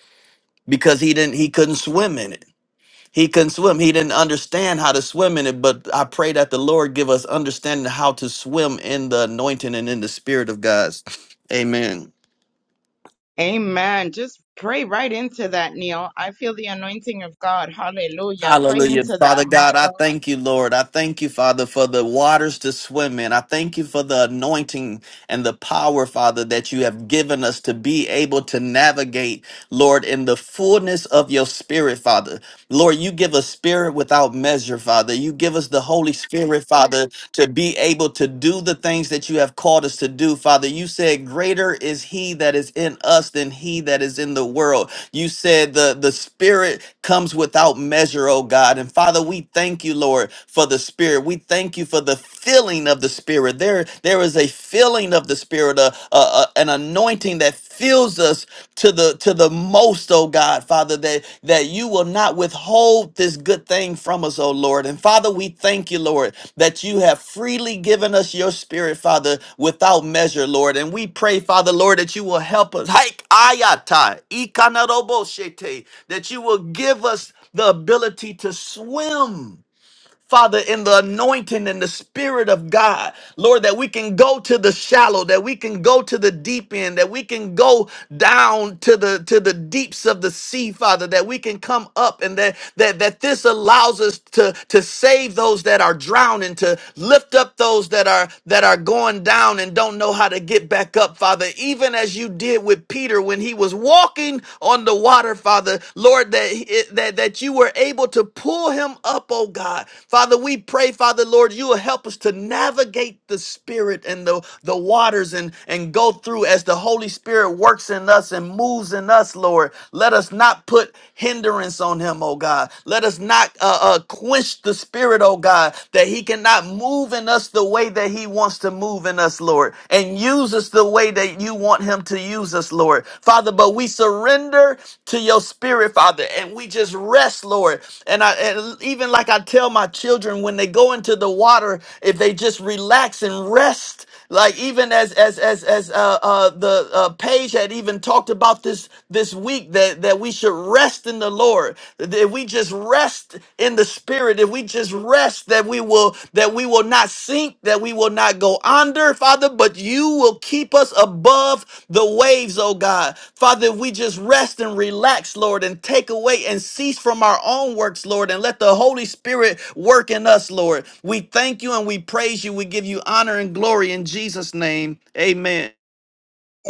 Speaker 6: because he didn't he couldn't swim in it he couldn't swim. He didn't understand how to swim in it, but I pray that the Lord give us understanding how to swim in the anointing and in the spirit of God. Amen.
Speaker 1: Amen. Just pray right into that, Neil. I feel the anointing of God. Hallelujah. Pray
Speaker 6: Hallelujah.
Speaker 1: into
Speaker 6: Father
Speaker 1: that. My
Speaker 6: God, I
Speaker 1: God.
Speaker 6: thank you, Lord. I thank you, Father, for the waters to swim in. I thank you for the anointing and the power, Father, that you have given us to be able to navigate, Lord, in the fullness of your spirit, Father. Lord, you give us spirit without measure, Father. You give us the Holy Spirit, Father, to be able to do the things that you have called us to do, Father. You said, Greater is he that is in us than he that is in the world. You said the, the spirit comes without measure, oh God. And Father, we thank you, Lord, for the spirit. We thank you for the filling of the spirit. There, there is a filling of the spirit, a, a, a- an anointing that fills us to the to the most, oh God, Father, that that you will not withhold this good thing from us, oh Lord. And Father, we thank you, Lord, that you have freely given us your spirit, Father, without measure, Lord. And we pray, Father, Lord, that you will help us. Hike ayata, ikanarobo shete, That you will give us the ability to swim Father, in the anointing and the Spirit of God, Lord, that we can go to the shallow, that we can go to the deep end, that we can go down to the to the deeps of the sea, Father, that we can come up and that that, that this allows us to, to save those that are drowning, to lift up those that are that are going down and don't know how to get back up, Father. Even as you did with Peter when he was walking walking on the water, Father, Lord, that, he- that, that you were able to pull him up, oh God. Father, we pray, Father, Lord, you will help us to navigate the spirit and the, the waters and, and go through as the Holy Spirit works in us and moves in us, Lord. Let us not put hindrance on him, oh God. Let us not uh, uh, quench the spirit, oh God, that he cannot move in us the way that that He wants to move in us, Lord, and use us the way that you want Him to use us, Lord. Father, but we surrender to your spirit, Father, and we just rest, Lord. And I and even like I tell my children when they go into the water, if they just relax and rest like even as as as as uh, uh, the uh, page had even talked about this this week that that we should rest in the Lord. That if we just rest in the Spirit, if we just rest, that we will that we will not sink, that we will not go under, Father. But you you will keep us above the waves, oh God. Father, if we just rest and relax, Lord, and take away and cease from our own works, Lord, and let the Holy Spirit work in us, Lord. We thank you and we praise you. We give you honor and glory in Jesus' name. Amen.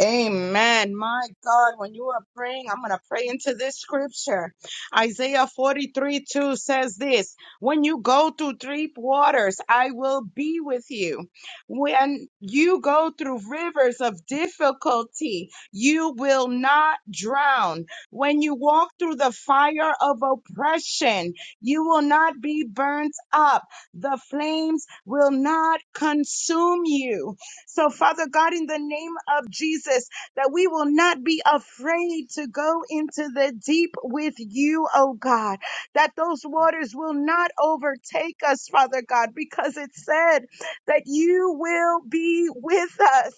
Speaker 1: Amen. My God, when you are praying, I'm going to pray into this scripture. Isaiah 43 2 says this When you go through deep waters, I will be with you. When you go through rivers of difficulty, you will not drown. When you walk through the fire of oppression, you will not be burnt up. The flames will not consume you so, Father God, in the name of Jesus, that we will not be afraid to go into the deep with you, oh God, that those waters will not overtake us, Father God, because it said that you will be with us.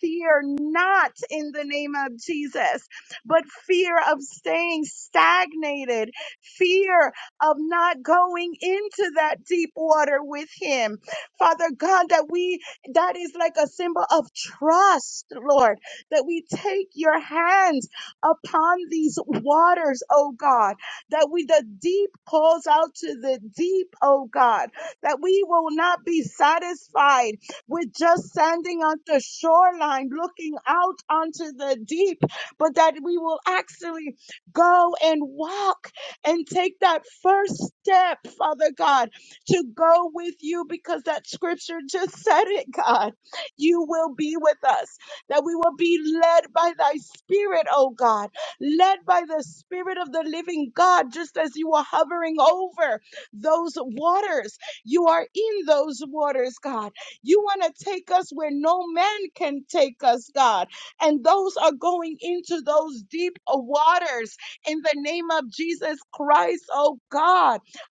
Speaker 1: Fear not in the name of Jesus, but fear of staying stagnated, fear of not going into that deep water with Him. Father God, that we that is like a symbol of trust, Lord, that we take your hands upon these waters, oh God, that we, the deep calls out to the deep, oh God, that we will not be satisfied with just standing on the shoreline looking out onto the deep, but that we will actually go and walk and take that first step, Father God, to go with you because that scripture just said it, God. You will be with us, that we will be led by thy spirit, oh God, led by the spirit of the living God, just as you are hovering over those waters. You are in those waters, God. You want to take us where no man can take us, God. And those are going into those deep uh, waters in the name of Jesus Christ, oh God.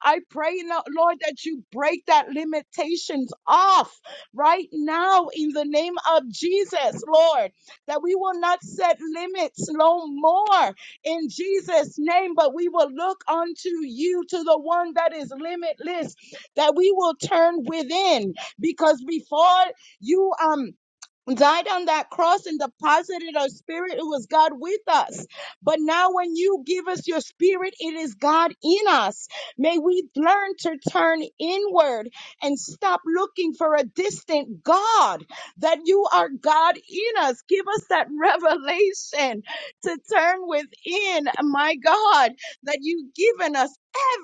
Speaker 1: I pray, Lo- Lord, that you break that limitations off right now in the name of Jesus, Lord, that we will not set limits no more in Jesus' name, but we will look unto you, to the one that is limitless, that we will turn within because before you, um, died on that cross and deposited our spirit. It was God with us. But now when you give us your spirit, it is God in us. May we learn to turn inward and stop looking for a distant God, that you are God in us. Give us that revelation to turn within, my God, that you've given us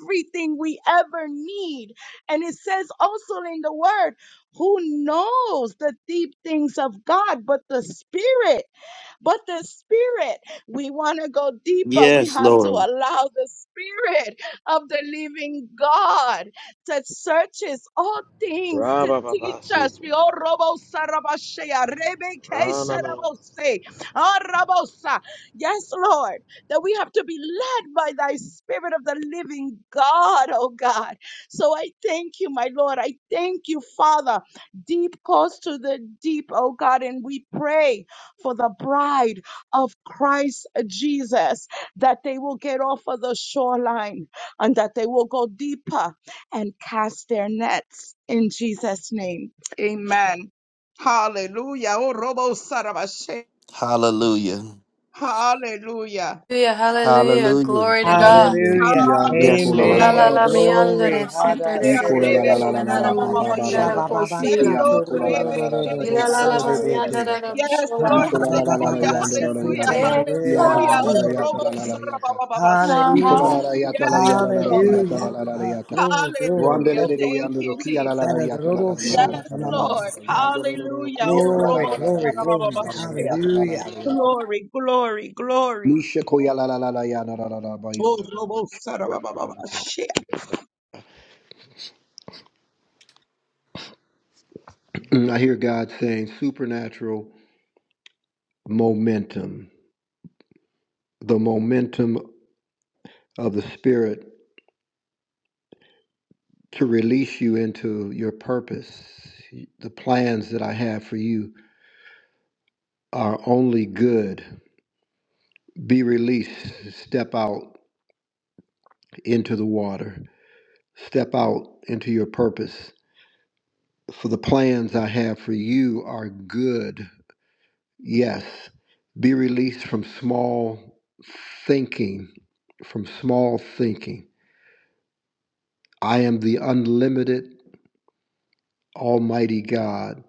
Speaker 1: everything we ever need. And it says also in the word, who knows the deep things of God but the Spirit? But the Spirit, we want to go deeper. We
Speaker 6: Yes,
Speaker 1: have to
Speaker 6: Lord.
Speaker 1: allow the Spirit of the living God that searches all things to teach
Speaker 5: Ra-ba-ba-ba-si.
Speaker 1: us. We all robo sarabashea, rebe ke
Speaker 5: Ra-na-na.
Speaker 1: sarabose, ah, rabosa. Yes, Lord, that we have to be led by thy Spirit of the living God, oh God. So I thank you, my Lord. I thank you, Father. Deep calls to the deep, oh God, and we pray for the bride of Christ Jesus, that they will get off of the shoreline and that they will go deeper and cast their nets in Jesus' name. Amen. Hallelujah. Oh, Robo Sarabashe.
Speaker 6: Hallelujah.
Speaker 1: Hallelujah.
Speaker 2: Hallelujah, hallelujah,
Speaker 6: Hallelujah.
Speaker 2: glory to
Speaker 7: Hallelujah.
Speaker 2: God.
Speaker 4: Hallelujah.
Speaker 6: Yes,
Speaker 1: Hallelujah.
Speaker 6: Lord.
Speaker 2: Ula la
Speaker 1: Oh,
Speaker 4: Amen.
Speaker 2: la mi
Speaker 1: Robo
Speaker 4: Glory.
Speaker 2: andare, se te
Speaker 4: Hada
Speaker 2: re
Speaker 1: Sarabashea
Speaker 7: E
Speaker 2: re re,
Speaker 7: la
Speaker 1: Rebe
Speaker 7: la la la la
Speaker 2: shmena
Speaker 4: sedededebosa.
Speaker 2: la
Speaker 7: la
Speaker 2: ma mi
Speaker 7: ba ba ba
Speaker 1: Sarababaye.
Speaker 7: ba
Speaker 2: andare
Speaker 7: ba ba
Speaker 1: Yes,
Speaker 7: shiti
Speaker 2: kosila.
Speaker 1: oh,
Speaker 7: anda kola la la
Speaker 1: Rebe
Speaker 7: la la la la
Speaker 2: Ila la
Speaker 7: yata
Speaker 2: la
Speaker 7: la la
Speaker 2: ma
Speaker 7: la
Speaker 2: mi
Speaker 7: la
Speaker 1: Kesarabaste.
Speaker 7: la la
Speaker 4: Shabababakutorororororobosodededede.
Speaker 2: andare la
Speaker 7: yata
Speaker 1: Yes,
Speaker 7: e
Speaker 1: Lord.
Speaker 2: bishola.
Speaker 7: la la la la
Speaker 1: Hallelujah.
Speaker 7: yanda la la la
Speaker 1: Hallelujah.
Speaker 7: yanda la la
Speaker 2: Wake
Speaker 7: ya la la la
Speaker 2: up
Speaker 1: Hallelujah.
Speaker 7: la
Speaker 1: Oh,
Speaker 7: la yata
Speaker 1: Robo
Speaker 7: la la
Speaker 4: Babababababashakutadedededebasinerede.
Speaker 7: la yata
Speaker 1: Sarabababashea.
Speaker 7: e
Speaker 4: Hallelujah.
Speaker 7: la
Speaker 2: now.
Speaker 7: la yata la ya
Speaker 1: Yes,
Speaker 7: la la la la
Speaker 1: Lord.
Speaker 7: yata la
Speaker 4: Hallelujah.
Speaker 7: la la la
Speaker 4: Ah,
Speaker 7: yata
Speaker 4: glory, glory,
Speaker 7: randa
Speaker 1: Hallelujah.
Speaker 7: la
Speaker 4: glory.
Speaker 7: la la
Speaker 1: Thank
Speaker 7: yanda
Speaker 1: you,
Speaker 7: ro ki la la la
Speaker 1: Jesus.
Speaker 7: yata la la la
Speaker 1: Yes,
Speaker 7: yata la la la la la
Speaker 1: Lord.
Speaker 4: Ha-da-da-do-do-sha-ba-ba-ba-ba-ba.
Speaker 7: yanda ro ro ro
Speaker 1: Hallelujah.
Speaker 7: ku
Speaker 1: Oh,
Speaker 7: la la la
Speaker 4: Glory,
Speaker 1: Robo
Speaker 7: la la la
Speaker 4: glory,
Speaker 7: la
Speaker 4: glory.
Speaker 7: yata la la la
Speaker 1: Sarabababashea.
Speaker 7: yata la la la
Speaker 4: Hallelujah.
Speaker 7: la yata
Speaker 1: Glory, glory, glory.
Speaker 7: misha ko la la la la yanda la la la ba
Speaker 1: Oh,
Speaker 7: yanda la la
Speaker 1: Robo Sarabababashea.
Speaker 7: Mm, I hear God saying supernatural momentum. The momentum of the Spirit to release you into your purpose. The plans that I have for you are only good. Be released. Step out into the water. Step out into your purpose. For the plans I have for you are good. Yes. Be released from small thinking. From small thinking. I am the unlimited Almighty God,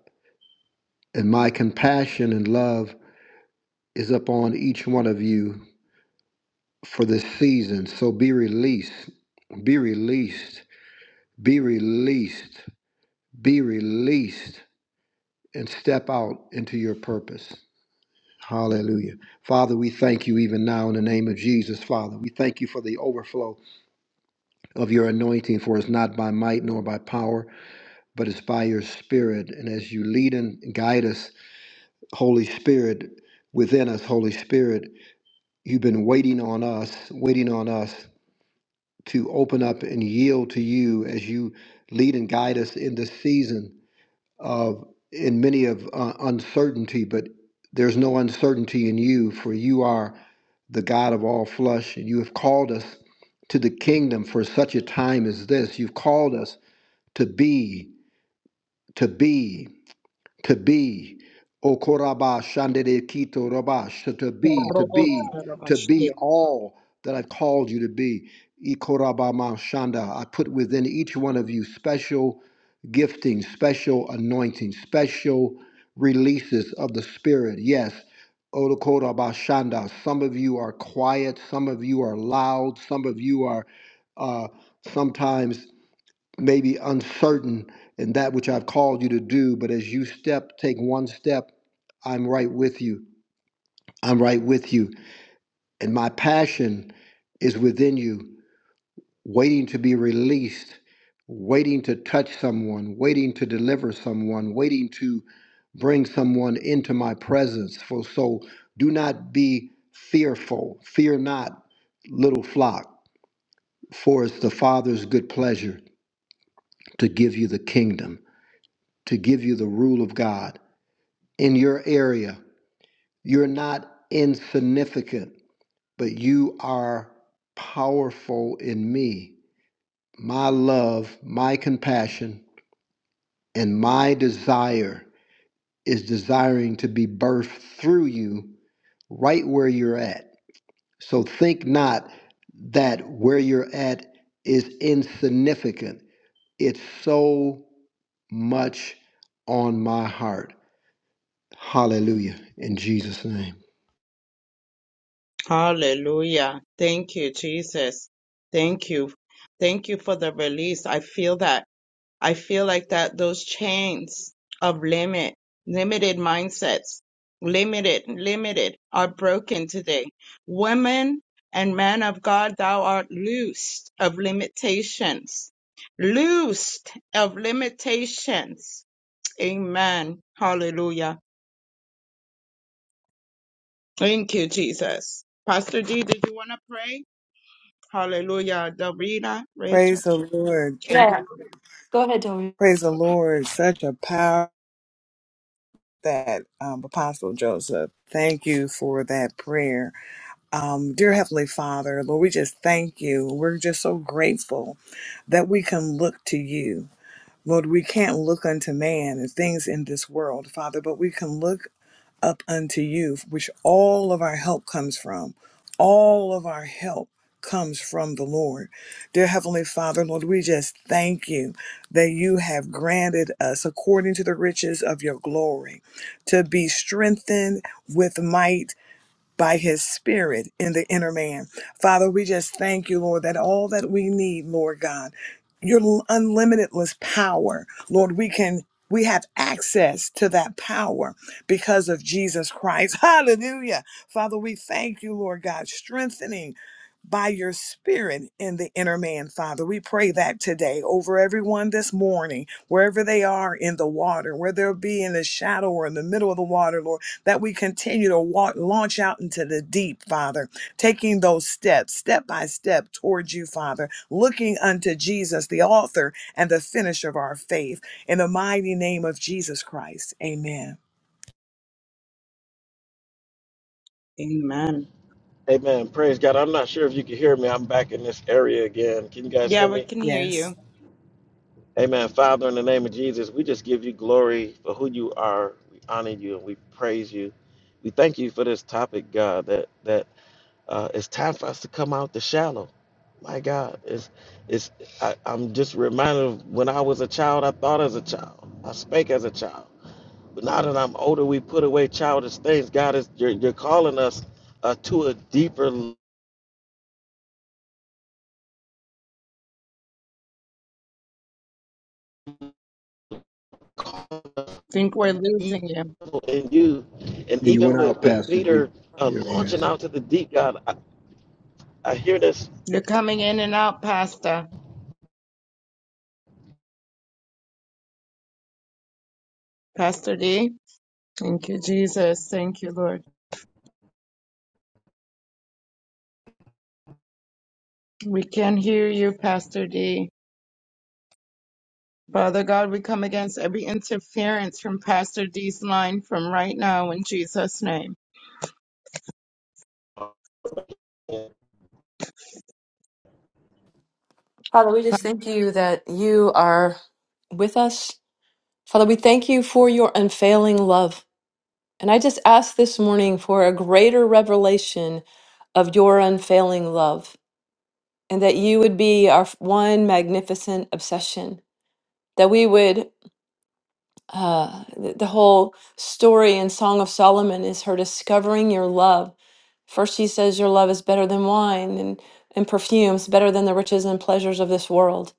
Speaker 7: and my compassion and love is upon each one of you for this season. So be released, be released, be released, be released, and step out into your purpose. Hallelujah. Father, we thank you even now in the name of Jesus, Father. We thank you for the overflow of your anointing, for it's not by might nor by power, but it's by your Spirit. And as you lead and guide us, Holy Spirit, within us, Holy Spirit, you've been waiting on us, waiting on us to open up and yield to you as you lead and guide us in this season of in many of uh, uncertainty but there's no uncertainty in you for you are the god of all flesh and you have called us to the kingdom for such a time as this you've called us to be to be to be. Okoraba shandere kito rabash to be, to
Speaker 1: Robo
Speaker 7: be, to
Speaker 1: Sarabashea.
Speaker 7: be all that I've called you to be. Ikoraba ma shanda. I put within each one of you special gifting, special anointing, special releases of the Spirit. Yes. Okoraba shanda. Some of you are quiet, some of you are loud, some of you are uh, sometimes maybe uncertain in that which I've called you to do, but as you step, take one step, I'm right with you. I'm right with you. And my passion is within you, waiting to be released, waiting to touch someone, waiting to deliver someone, waiting to bring someone into my presence. For so do not be fearful. Fear not, little flock, for it's the Father's good pleasure to give you the kingdom. to give you the rule of God in your area. You're not insignificant, but you are powerful in me. My love, my compassion, and my desire is desiring to be birthed through you right where you're at. So think not that where you're at is insignificant. It's so much on my heart. Hallelujah. In Jesus' name.
Speaker 1: Hallelujah. Thank you, Jesus. Thank you. Thank you for the release. I feel that. I feel like that those chains of limit, limited mindsets, limited, limited are broken today. Women and men of God, thou art loosed of limitations. Loosed of limitations. Amen. Hallelujah. Thank you, Jesus. Pastor D, did you want to pray? Hallelujah. Davida, Rachel.
Speaker 4: Praise the Lord.
Speaker 1: Thank
Speaker 2: Yeah,
Speaker 1: you.
Speaker 2: go ahead, Tori.
Speaker 4: Praise the Lord. Such a power that um, Apostle Joseph. Thank you for that prayer. Um, dear Heavenly Father, Lord, we just thank you. We're just so grateful that we can look to you. Lord, we can't look unto man and things in this world, Father, but we can look up unto you, which all of our help comes from. All of our help comes from the Lord. Dear Heavenly Father, Lord, we just thank you that you have granted us, according to the riches of your glory, to be strengthened with might by his spirit in the inner man. Father, we just thank you, Lord, that all that we need, Lord God, your l- unlimitedless power, Lord, we can we have access to that power because of Jesus Christ. Hallelujah. Father, we thank you, Lord God, strengthening by your spirit in the inner man, Father. We pray that today over everyone this morning, wherever they are in the water, where they'll be in the shadow or in the middle of the water, Lord that we continue to walk, launch out into the deep, Father, taking those steps, step by step towards you, Father, looking unto Jesus, the author and the finisher of our faith, in the mighty name of Jesus Christ. Amen.
Speaker 1: Amen.
Speaker 5: Amen. Praise God. I'm not sure if you can hear me. I'm back in this area again. Can you guys
Speaker 1: Yeah,
Speaker 5: hear
Speaker 1: we
Speaker 5: me?
Speaker 1: can hear you.
Speaker 4: Yes.
Speaker 5: Amen. Father, in the name of Jesus, we just give you glory for who you are. We honor you and we praise you. We thank you for this topic, God, that that Uh, it's time for us to come out the shallow. My God, it's it's. I, I'm just reminded of when I was a child. I thought as a child. I spake as a child. But now that I'm older, we put away childish things. God is you're, you're calling us uh, to a deeper level
Speaker 1: Think we're losing you.
Speaker 5: in you, and
Speaker 7: Yeah, you
Speaker 5: even
Speaker 7: went
Speaker 5: with
Speaker 7: out,
Speaker 5: with
Speaker 7: Pastor D.
Speaker 5: Peter uh,
Speaker 7: There he
Speaker 5: launching
Speaker 7: is.
Speaker 5: out to the deep. God, I, I hear this.
Speaker 1: You're coming in and out, Pastor. Pastor D. Thank you, Jesus. Thank you, Lord. We can hear you, Pastor D. Father God, we come against every interference from Pastor D's line from right now in Jesus' name.
Speaker 2: Father, we just thank you that you are with us. Father, we thank you for your unfailing love. And I just ask this morning for a greater revelation of your unfailing love. and that you would be our one magnificent obsession. That we would, uh, th- the whole story in Song of Solomon is her discovering your love. First, she says, Your love is better than wine and, and perfumes, better than the riches and pleasures of this world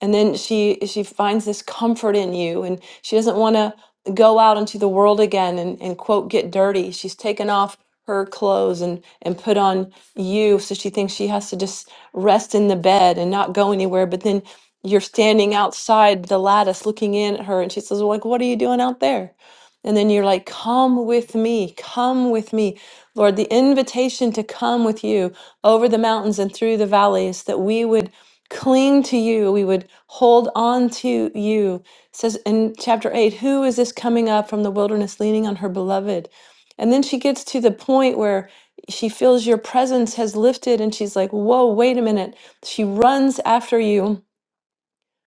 Speaker 2: and then she she finds this comfort in you and she doesn't want to go out into the world again and, and quote get dirty she's taken off her clothes and and put on you so she thinks she has to just rest in the bed and not go anywhere but then you're standing outside the lattice looking in at her and she says well, like what are you doing out there and then you're like come with me come with me lord the invitation to come with you over the mountains and through the valleys that we would cling to you we would hold on to you It says in chapter 8 who is this coming up from the wilderness leaning on her beloved and then she gets to the point where she feels your presence has lifted and she's like whoa wait a minute she runs after you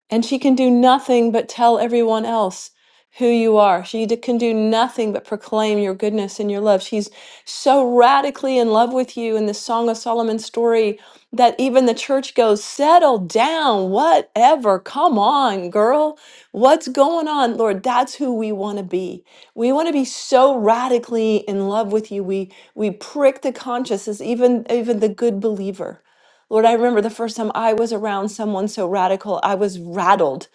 Speaker 2: and she can do nothing but tell everyone else who you are. She d- can do nothing but proclaim your goodness and your love. She's so radically in love with you in the Song of Solomon story that even the church goes, Settle down, whatever. Come on, girl. What's going on? Lord, that's who we want to be. We want to be so radically in love with you. We we prick the consciences, even even the good believer. Lord, I remember the first time I was around someone so radical, I was rattled,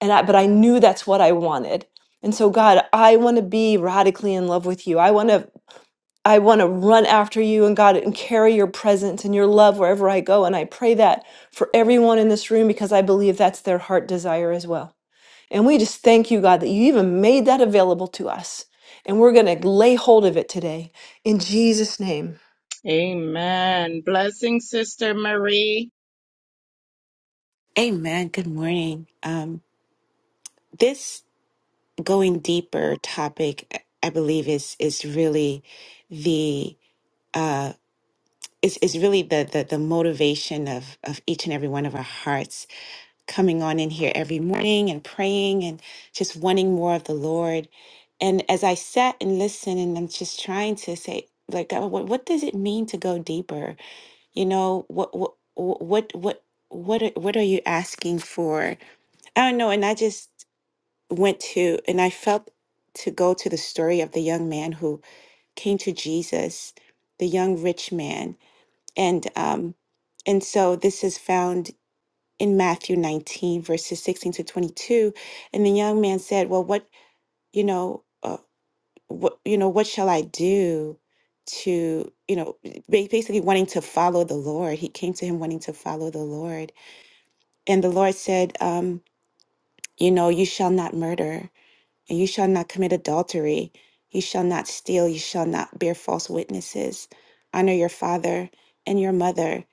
Speaker 2: and I, but I knew that's what I wanted. And so, God, I want to be radically in love with you. I want to, I want to run after you, and God, and carry your presence and your love wherever I go. And I pray that for everyone in this room because I believe that's their heart desire as well. And we just thank you, God, that you even made that available to us. And we're going to lay hold of it today in Jesus' name.
Speaker 1: Amen. Blessing, Sister Marie.
Speaker 8: Amen. Good morning. Um, this going deeper topic, I believe, is is really the uh, is is really the, the the motivation of of each and every one of our hearts coming on in here every morning and praying and just wanting more of the Lord. And as I sat and listened, and I'm just trying to say, like, God, what what does it mean to go deeper? You know, what what what what what are, what are you asking for? I don't know. And I just went to, and I felt to go to the story of the young man who came to Jesus, the young rich man, and um, and so this is found in Matthew 19 verses 16 to 22, and the young man said, "Well, what you know, uh, what you know, what shall I do?" to you know ba- basically wanting to follow the lord he came to him wanting to follow the lord and the lord said um you know you shall not murder And you shall not commit adultery. You shall not steal. You shall not bear false witnesses. Honor your father and your mother,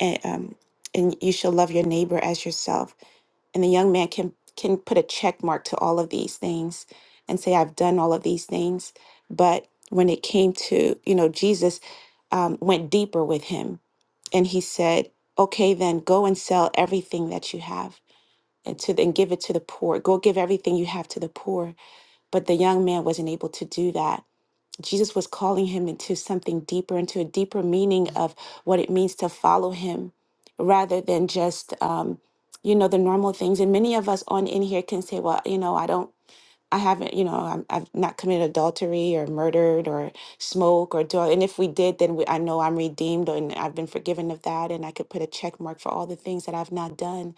Speaker 8: and, um, and you shall love your neighbor as yourself. And the young man can can put a check mark to all of these things and say, "I've done all of these things." But when it came to you know Jesus, um, went deeper with him, and he said, "Okay, then go and sell everything that you have." And to and give it to the poor. Go give everything you have to the poor but the young man wasn't able to do that. Jesus was calling him into something deeper, into a deeper meaning of what it means to follow him rather than just, um, you know, the normal things. And many of us on in here can say, well, you know, I don't. I haven't, you know, I'm, I've not committed adultery or murdered or smoke or do. And if we did, then we, I know I'm redeemed and I've been forgiven of that. And I could put a check mark for all the things that I've not done.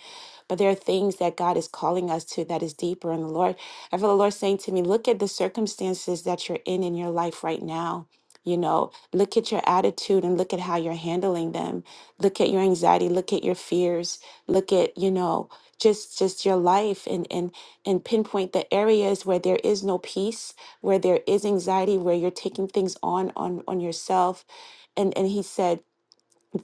Speaker 8: But there are things that God is calling us to that is deeper in the Lord. I feel the Lord saying to me, look at the circumstances that you're in in your life right now. You know, look at your attitude and look at how you're handling them. Look at your anxiety. Look at your fears. Look at, you know, just just your life and and." and pinpoint the areas where there is no peace, where there is anxiety, where you're taking things on on on yourself. And and he said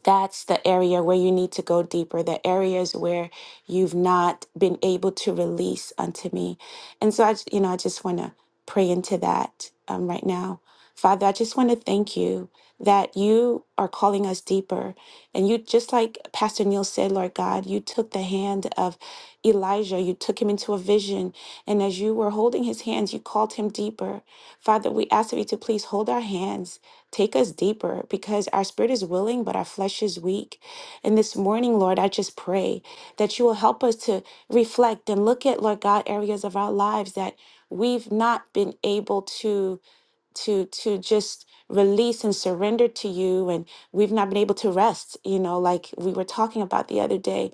Speaker 8: that's the area where you need to go deeper, the areas where you've not been able to release unto me. And so I, j- you know, I just want to pray into that um, right now. Father, I just want to thank you that you are calling us deeper. And you, just like Pastor Neil said, Lord God, you took the hand of Elijah, you took him into a vision. And as you were holding his hands, you called him deeper. Father, we ask of you to please hold our hands Take us deeper because our spirit is willing, but our flesh is weak. And this morning, Lord, I just pray that you will help us to reflect and look at, Lord God, areas of our lives that we've not been able to to to just release and surrender to you and we've not been able to rest you know like we were talking about the other day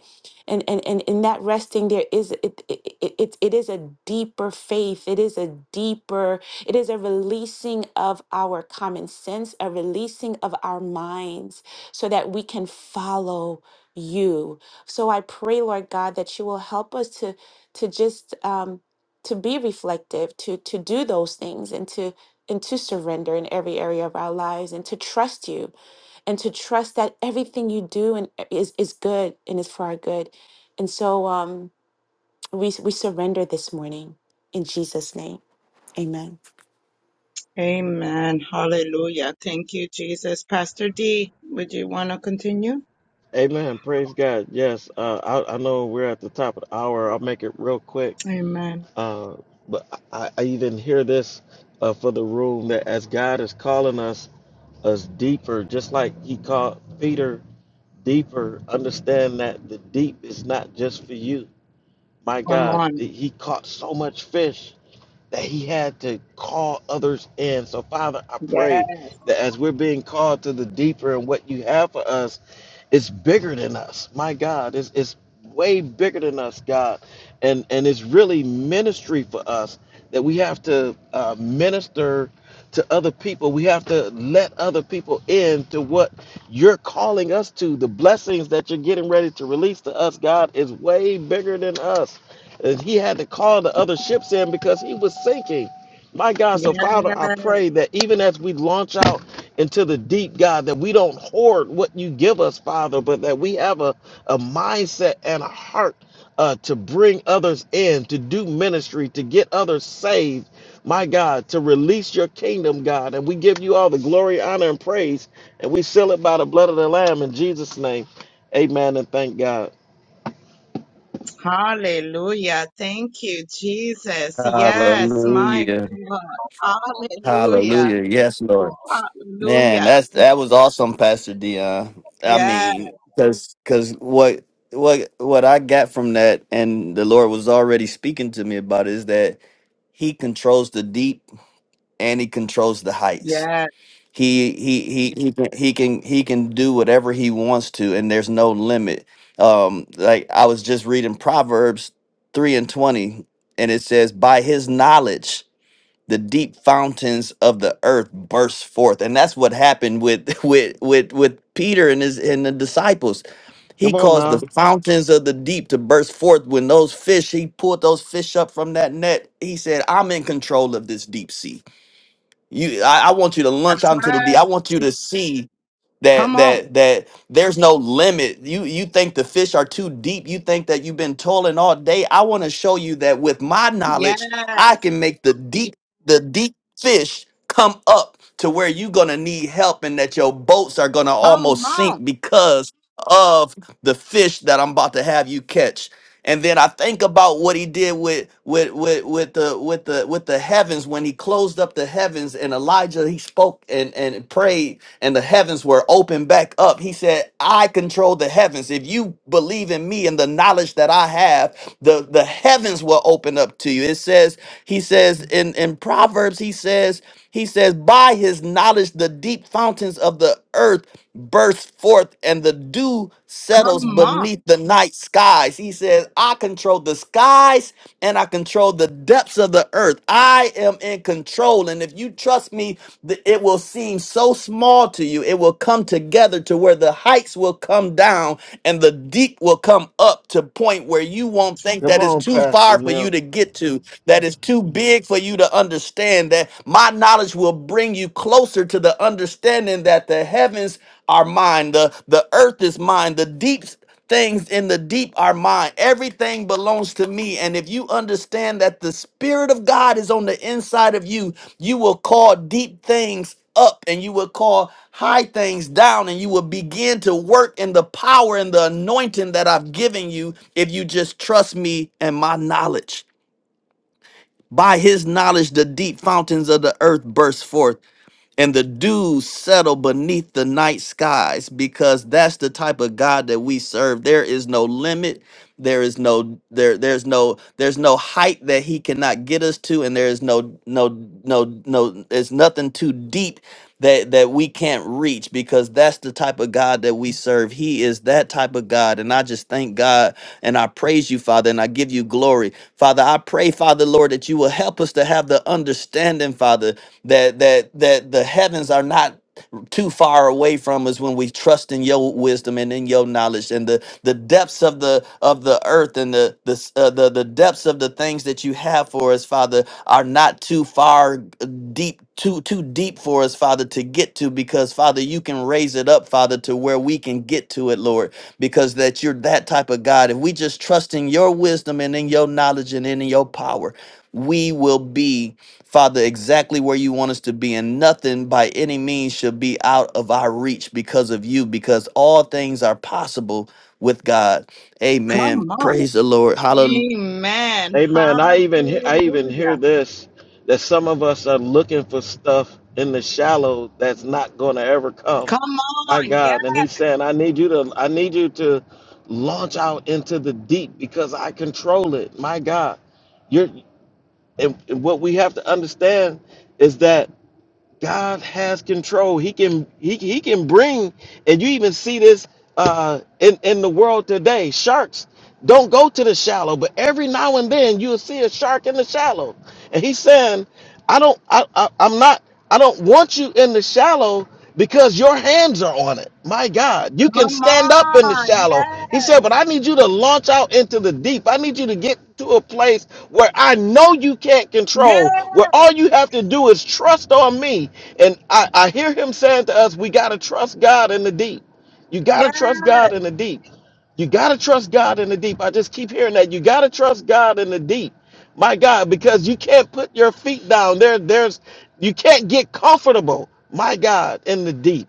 Speaker 8: and and and in that resting there is it it, it it it is a deeper faith it is a deeper it is a releasing of our common sense a releasing of our minds so that we can follow you so i pray lord god that you will help us to to just um to be reflective to to do those things and to and to surrender in every area of our lives and to trust you and to trust that everything you do and e- is is good and is for our good and so um we we surrender this morning in jesus name amen
Speaker 1: Amen. Hallelujah. Thank you, Jesus. Pastor D, would you want to continue?
Speaker 5: Amen. Praise God. Yes. Uh, I, I know we're at the top of the hour. I'll make it real quick.
Speaker 1: Amen.
Speaker 5: Uh, but I, I even hear this uh, for the room that as God is calling us us deeper, just like He called Peter deeper. Understand that the deep is not just for you. My
Speaker 1: Come
Speaker 5: God,
Speaker 1: on.
Speaker 5: He caught so much fish that he had to call others in. So, Father, I
Speaker 1: Yes.
Speaker 5: pray that as we're being called to the deeper and what you have for us, it's bigger than us. My God, it's, it's way bigger than us, God. And, and it's really ministry for us that we have to uh, minister to other people. We have to let other people in to what you're calling us to. The blessings that you're getting ready to release to us, God, is way bigger than us. And he had to call the other ships in because he was sinking. My God, so
Speaker 1: Yes.
Speaker 5: Father, I pray that even as we launch out into the deep, God, that we don't hoard what you give us, Father, but that we have a, a mindset and a heart uh, to bring others in, to do ministry, to get others saved, my God, to release your kingdom, God. And we give you all the glory, honor, and praise, and we seal it by the blood of the Lamb in Jesus' name. Amen and thank God.
Speaker 1: Hallelujah. Thank you, Jesus. Yes, my
Speaker 6: Hallelujah.
Speaker 1: God. Hallelujah.
Speaker 6: Hallelujah. Yes, Lord. Man,
Speaker 1: Hallelujah.
Speaker 6: that's that was awesome, Pastor Dion. I
Speaker 1: Yes.
Speaker 6: mean, because because what what what I got from that, and the Lord was already speaking to me about, it, is that He controls the deep and He controls the heights.
Speaker 1: Yes.
Speaker 6: He he he he can he can he can do whatever He wants to, and there's no limit. Um, like I was just reading Proverbs three and twenty, and it says, "By His knowledge." the deep fountains of the earth burst forth and that's what happened with with with with peter and his and the disciples he
Speaker 5: Come on
Speaker 6: caused the
Speaker 5: now.
Speaker 6: fountains of the deep to burst forth when those fish he pulled those fish up from that net he said i'm in control of this deep sea you i, I want you to launch
Speaker 1: That's
Speaker 6: out into the deep
Speaker 1: right.
Speaker 6: i want you to see
Speaker 1: Come
Speaker 6: that
Speaker 1: on.
Speaker 6: that that there's no limit you you think the fish are too deep you think that you've been toiling all day i want to show you that with my
Speaker 1: Yes.
Speaker 6: knowledge i can make the deep the deep fish come up to where you're gonna need help and that your boats are gonna
Speaker 1: Come
Speaker 6: almost
Speaker 1: on.
Speaker 6: sink because of the fish that i'm about to have you catch and then i think about what he did with with with with the with the with the heavens when he closed up the heavens and elijah he spoke and and prayed and the heavens were opened back up. He said, I control the heavens. If you believe in me and the knowledge that I have, the, the heavens will open up to you. It says, he says in, in Proverbs, he says, he says, by his knowledge, the deep fountains of the earth burst forth and the dew settles
Speaker 1: Come on.
Speaker 6: beneath the night skies. He says, I control the skies heights and I control the depths of the earth. I am in control. And if you trust me, th- it will seem so small to you. It will come together to where the heights will come down and the deep will come up to point where you won't think
Speaker 5: Come
Speaker 6: that it's
Speaker 5: on,
Speaker 6: too
Speaker 5: Pastor
Speaker 6: far for
Speaker 5: Neil.
Speaker 6: you to get to, that it's too big for you to understand, that my knowledge will bring you closer to the understanding that the heavens are mine, the, the earth is mine, the deeps things in the deep are mine. Everything belongs to me. And if you understand that the Spirit of God is on the inside of you, you will call deep things up and you will call high things down and you will begin to work in the power and the anointing that I've given you if you just trust me and my knowledge. By his knowledge, the deep fountains of the earth burst forth and the dews settle beneath the night skies because that's the type of God that we serve. There is no limit. There is no there there's no there's no height that he cannot get us to and there is no no no no there's nothing too deep that that we can't reach because that's the type of God that we serve. He is that type of God and I just thank God and I praise you Father and I give you glory. Father, I pray Father Lord that you will help us to have the understanding Father that that that the heavens are not too far away from us when we trust in your wisdom and in your knowledge and the the depths of the of the earth and the the s- uh, the, the depths of the things that you have for us father are not too far uh, deep too too deep for us father to get to because father you can raise it up father to where we can get to it lord because that you're that type of god if we just trust in your wisdom and in your knowledge and in your power we will be Father, exactly where you want us to be, and nothing by any means shall be out of our reach because of you, because all things are possible with God. Amen.
Speaker 1: Come on.
Speaker 6: Praise the Lord. Hallelujah.
Speaker 1: Amen.
Speaker 5: Amen. I even he- I even
Speaker 1: Hallelujah.
Speaker 5: hear this that some of us are looking for stuff in the shallow that's not going to ever come.
Speaker 1: Come
Speaker 5: My
Speaker 1: on. Yes.
Speaker 5: God, and he's saying, I need you to I need you to launch out into the deep because I control it. My God. You're and, and what we have to understand is that God has control. He can he, he can bring, and you even see this uh, in in the world today. Sharks don't go to the shallow, but every now and then you'll see a shark in the shallow, and he's saying, "I don't, I, I I'm not, I don't want you in the shallow because your hands are on it. My God, you can
Speaker 1: Come
Speaker 5: stand up in the
Speaker 1: on.
Speaker 5: shallow. He said, but
Speaker 1: Yes.
Speaker 5: I need you to launch out into the deep. I need you to get to a place where I know you can't control, where all
Speaker 1: Yes.
Speaker 5: you have to do is trust on me. And I, I hear him saying to us, we got to trust God in the deep. You got to trust
Speaker 1: Yes.
Speaker 5: God in the deep. You got to trust God in the deep. I just keep hearing that. You got to trust God in the deep my God, because you can't put your feet down. There, there's you can't get comfortable, my God, in the deep.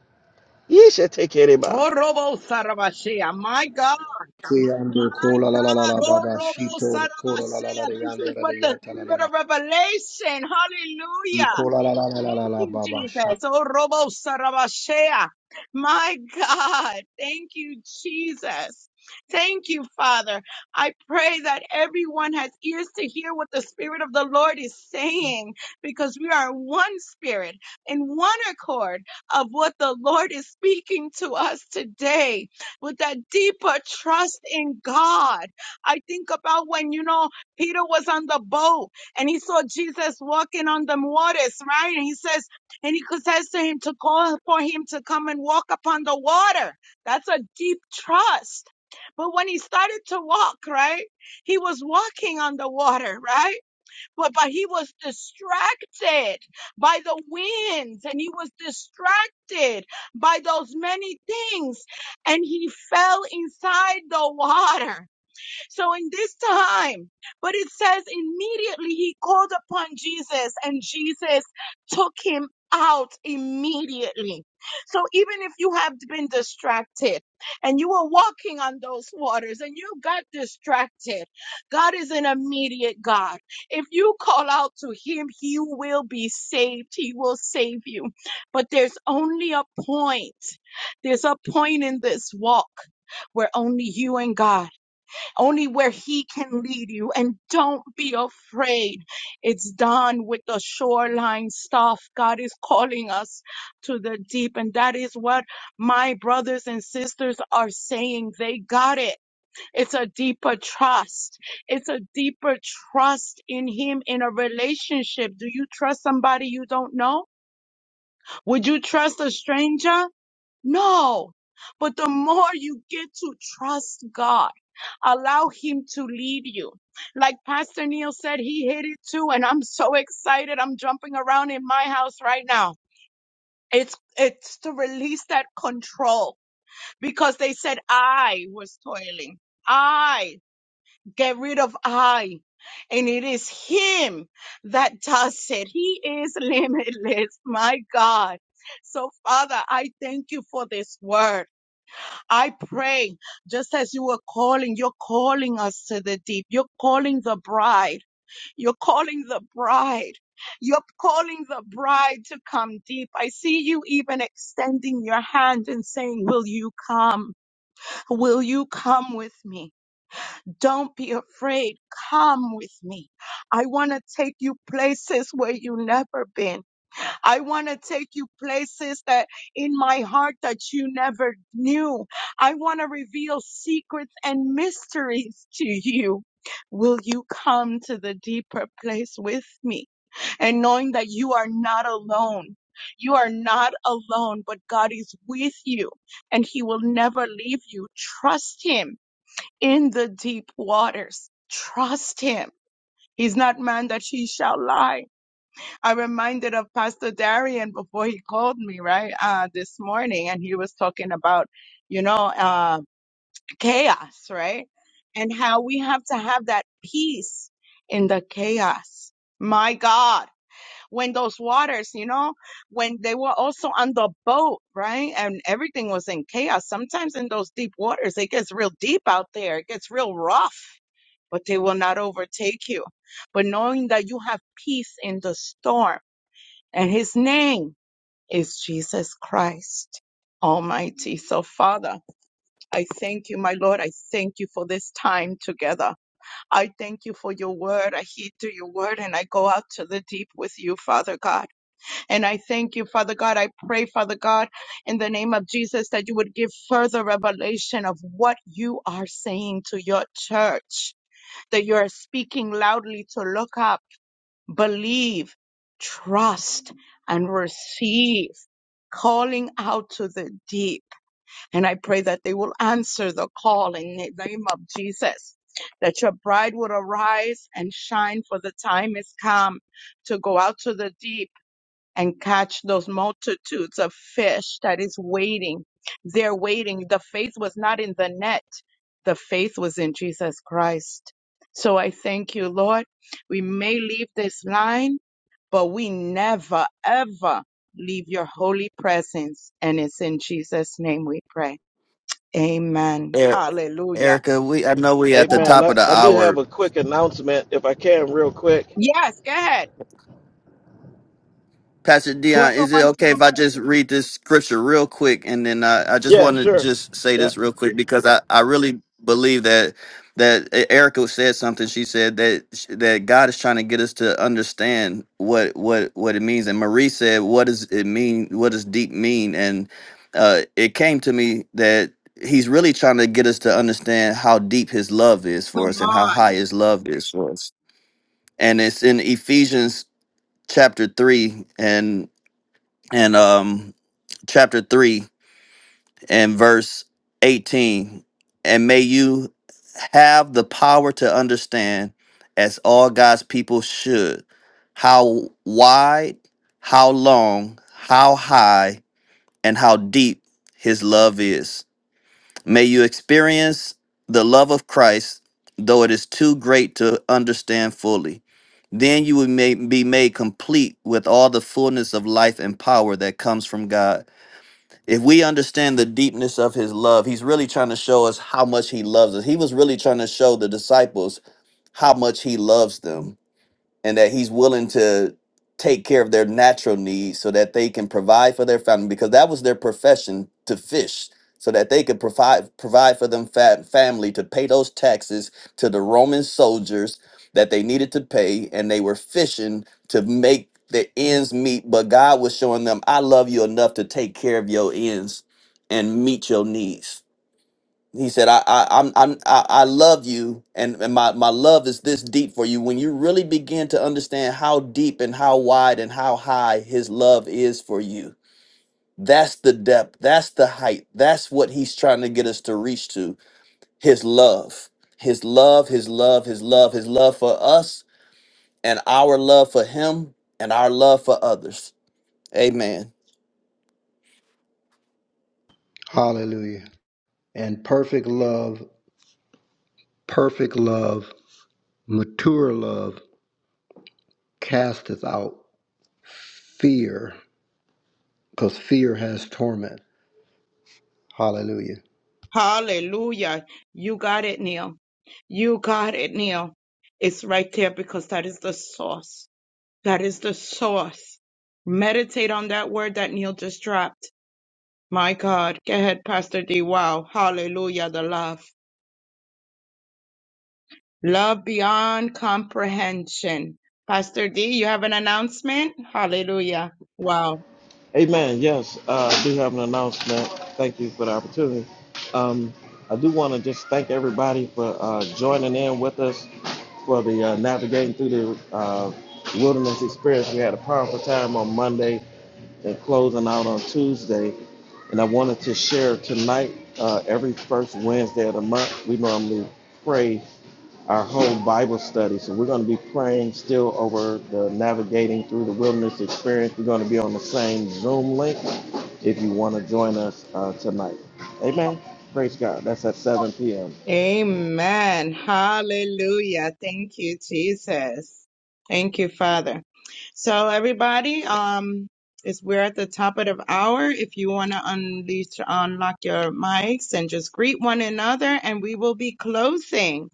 Speaker 5: You should take care of anybody.
Speaker 1: Oh, Robo Sarabashea. My God.
Speaker 7: Kuyando
Speaker 1: My
Speaker 7: kola la la la
Speaker 1: God.
Speaker 7: la
Speaker 1: Oh,
Speaker 7: baba
Speaker 1: Robo
Speaker 7: shito kola la la la
Speaker 1: Sarabashea.
Speaker 7: de
Speaker 1: This
Speaker 7: yanda
Speaker 1: is
Speaker 7: la
Speaker 1: what
Speaker 7: de
Speaker 1: the
Speaker 7: yata la la
Speaker 1: spirit
Speaker 7: la.
Speaker 1: of revelation.
Speaker 7: You
Speaker 1: Hallelujah.
Speaker 7: kola la la la la la
Speaker 1: Thank
Speaker 7: la
Speaker 1: you,
Speaker 7: baba sha.
Speaker 1: Jesus. Oh, Robo Sarabashea. My God. Thank you, Jesus. Thank you, Father. I pray that everyone has ears to hear what the Spirit of the Lord is saying because we are one spirit in one accord of what the Lord is speaking to us today with that deeper trust in God. I think about when, you know, Peter was on the boat and he saw Jesus walking on the waters, right? And he says, and he says to him to call for him to come and walk upon the water. That's a deep trust. But when he started to walk, right, he was walking on the water, right? But but he was distracted by the winds, and he was distracted by those many things, and he fell inside the water. So in this time, but it says immediately he called upon Jesus and Jesus took him out immediately. So even if you have been distracted and you were walking on those waters and you got distracted, God is an immediate God. If you call out to him, he will be saved. He will save you. But there's only a point. There's a point in this walk where only you and God only where he can lead you. And don't be afraid. It's done with the shoreline stuff. God is calling us to the deep. And that is what my brothers and sisters are saying. They got it. It's a deeper trust. It's a deeper trust in him in a relationship. Do you trust somebody you don't know? Would you trust a stranger? No. But the more you get to trust God, allow Him to lead you. Like Pastor Neil said, he hit it too. And I'm so excited. I'm jumping around in my house right now. It's, it's to release that control because they said I was toiling. I get rid of I. And it is Him that does it. He is limitless. My God. So Father, I thank you for this word. I pray just as you were calling, you're calling us to the deep. You're calling the bride. You're calling the bride. You're calling the bride to come deep. I see you even extending your hand and saying, will you come? Will you come with me? Don't be afraid. Come with me. I want to take you places where you have never been. I want to take you places that in my heart that you never knew. I want to reveal secrets and mysteries to you. Will you come to the deeper place with me? And knowing that you are not alone. You are not alone, but God is with you and he will never leave you. Trust him in the deep waters. Trust him. He's not man that he shall lie I'm reminded of Pastor Darian before he called me, right? Uh, this morning, and he was talking about, you know, uh, chaos, right? And how we have to have that peace in the chaos. My God, when those waters, you know, when they were also on the boat, right? And everything was in chaos. Sometimes in those deep waters, it gets real deep out there. It gets real rough, but they will not overtake you. But knowing that you have peace in the storm and his name is Jesus Christ Almighty. So, Father, I thank you, my Lord. I thank you for this time together. I thank you for your word. I heed to your word and I go out to the deep with you, Father God. And I thank you, Father God. I pray, Father God, in the name of Jesus, that you would give further revelation of what you are saying to your church, that you are speaking loudly to look up believe, trust, and receive, calling out to the deep. And I pray that they will answer the call in the name of Jesus. That your bride would arise and shine, for the time is come to go out to the deep and catch those multitudes of fish that is waiting. They're waiting. The faith was not in the net. The faith was in Jesus Christ. So I thank you, Lord. We may leave this line, but we never, ever leave your holy presence. And it's in Jesus' name we pray. Amen.
Speaker 6: Er,
Speaker 1: Hallelujah.
Speaker 6: Erica, we I know we at
Speaker 1: Go
Speaker 6: the
Speaker 5: Amen.
Speaker 1: ahead.
Speaker 6: top
Speaker 5: I,
Speaker 6: of the
Speaker 5: I do
Speaker 6: hour.
Speaker 5: have a quick announcement, if I can, real quick.
Speaker 1: Yes, go ahead.
Speaker 6: Pastor Dion,
Speaker 1: Whoever
Speaker 6: is it
Speaker 1: wants to
Speaker 6: okay
Speaker 1: go
Speaker 6: if I
Speaker 1: first.
Speaker 6: just read this scripture real quick? And then I, I just
Speaker 5: Yeah,
Speaker 6: want to
Speaker 5: sure.
Speaker 6: just say
Speaker 5: Yeah.
Speaker 6: this real quick because I, I really believe that that uh, Erica said something. She said that that God is trying to get us to understand what what what it means. And Marie said, "What does it mean? What does deep mean?" And uh, it came to me that He's really trying to get us to understand how deep His love is for
Speaker 1: Come
Speaker 6: us and
Speaker 1: on.
Speaker 6: how high His love is for us. And it's in Ephesians chapter three and and um, chapter 3 and verse 18. And may you have the power to understand, as all God's people should, how wide, how long, how high, and how deep his love is. May you experience the love of Christ, though it is too great to understand fully. Then you will ma- be made complete with all the fullness of life and power that comes from God if we understand the deepness of his love, he's really trying to show us how much he loves us. He was really trying to show the disciples how much he loves them and that he's willing to take care of their natural needs so that they can provide for their family because that was their profession to fish so that they could provide provide for them fa- family to pay those taxes to the Roman soldiers that they needed to pay and they were fishing to make the ends meet but God was showing them I love you enough to take care of your ends and meet your needs he said i i i'm, I'm i I love you and, and my my love is this deep for you when you really begin to understand how deep and how wide and how high his love is for you that's the depth that's the height that's what he's trying to get us to reach to his love his love his love his love his love for us and our love for him and our love for others amen
Speaker 7: Hallelujah. And perfect love, perfect love, mature love casteth out fear, because fear has torment. Hallelujah.
Speaker 1: Hallelujah. You got it, Neil. You got it, Neil. It's right there because that is the source. That is the source. Meditate on that word that Neil just dropped. My God. Go ahead, Pastor D. Wow. Hallelujah. The love. Love beyond comprehension. Pastor D, you have an announcement? Hallelujah. Wow.
Speaker 5: Amen. Yes, uh, I do have an announcement. Thank you for the opportunity. Um, I do want to just thank everybody for uh, joining in with us for the uh, navigating through the uh, wilderness experience. We had a powerful time on Monday. and closing out on Tuesday. And I wanted to share tonight, uh, every first Wednesday of the month, we normally pray our whole Bible study. So we're going to be praying still over the navigating through the wilderness experience. We're going to be on the same Zoom link if you want to join us uh, tonight. Amen. Praise God. That's at 7 p.m.
Speaker 1: Amen. Hallelujah. Thank you, Jesus. Thank you, Father. So everybody, um, it's we're at the top of the hour. If you want to unleash, unlock your mics and just greet one another, and we will be closing.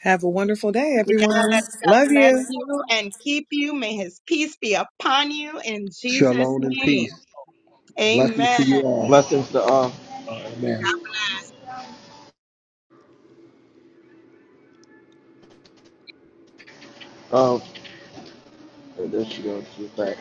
Speaker 4: Have a wonderful day,
Speaker 1: Yes,
Speaker 4: everyone.
Speaker 1: God
Speaker 4: Love
Speaker 1: bless
Speaker 4: you.
Speaker 1: you and keep you. May His peace be upon you in Jesus'
Speaker 7: Shalom and
Speaker 1: name.
Speaker 7: peace. Blessings to
Speaker 1: Amen.
Speaker 7: you all.
Speaker 5: Blessings to all.
Speaker 7: Amen.
Speaker 5: Oh, there she goes. She's back.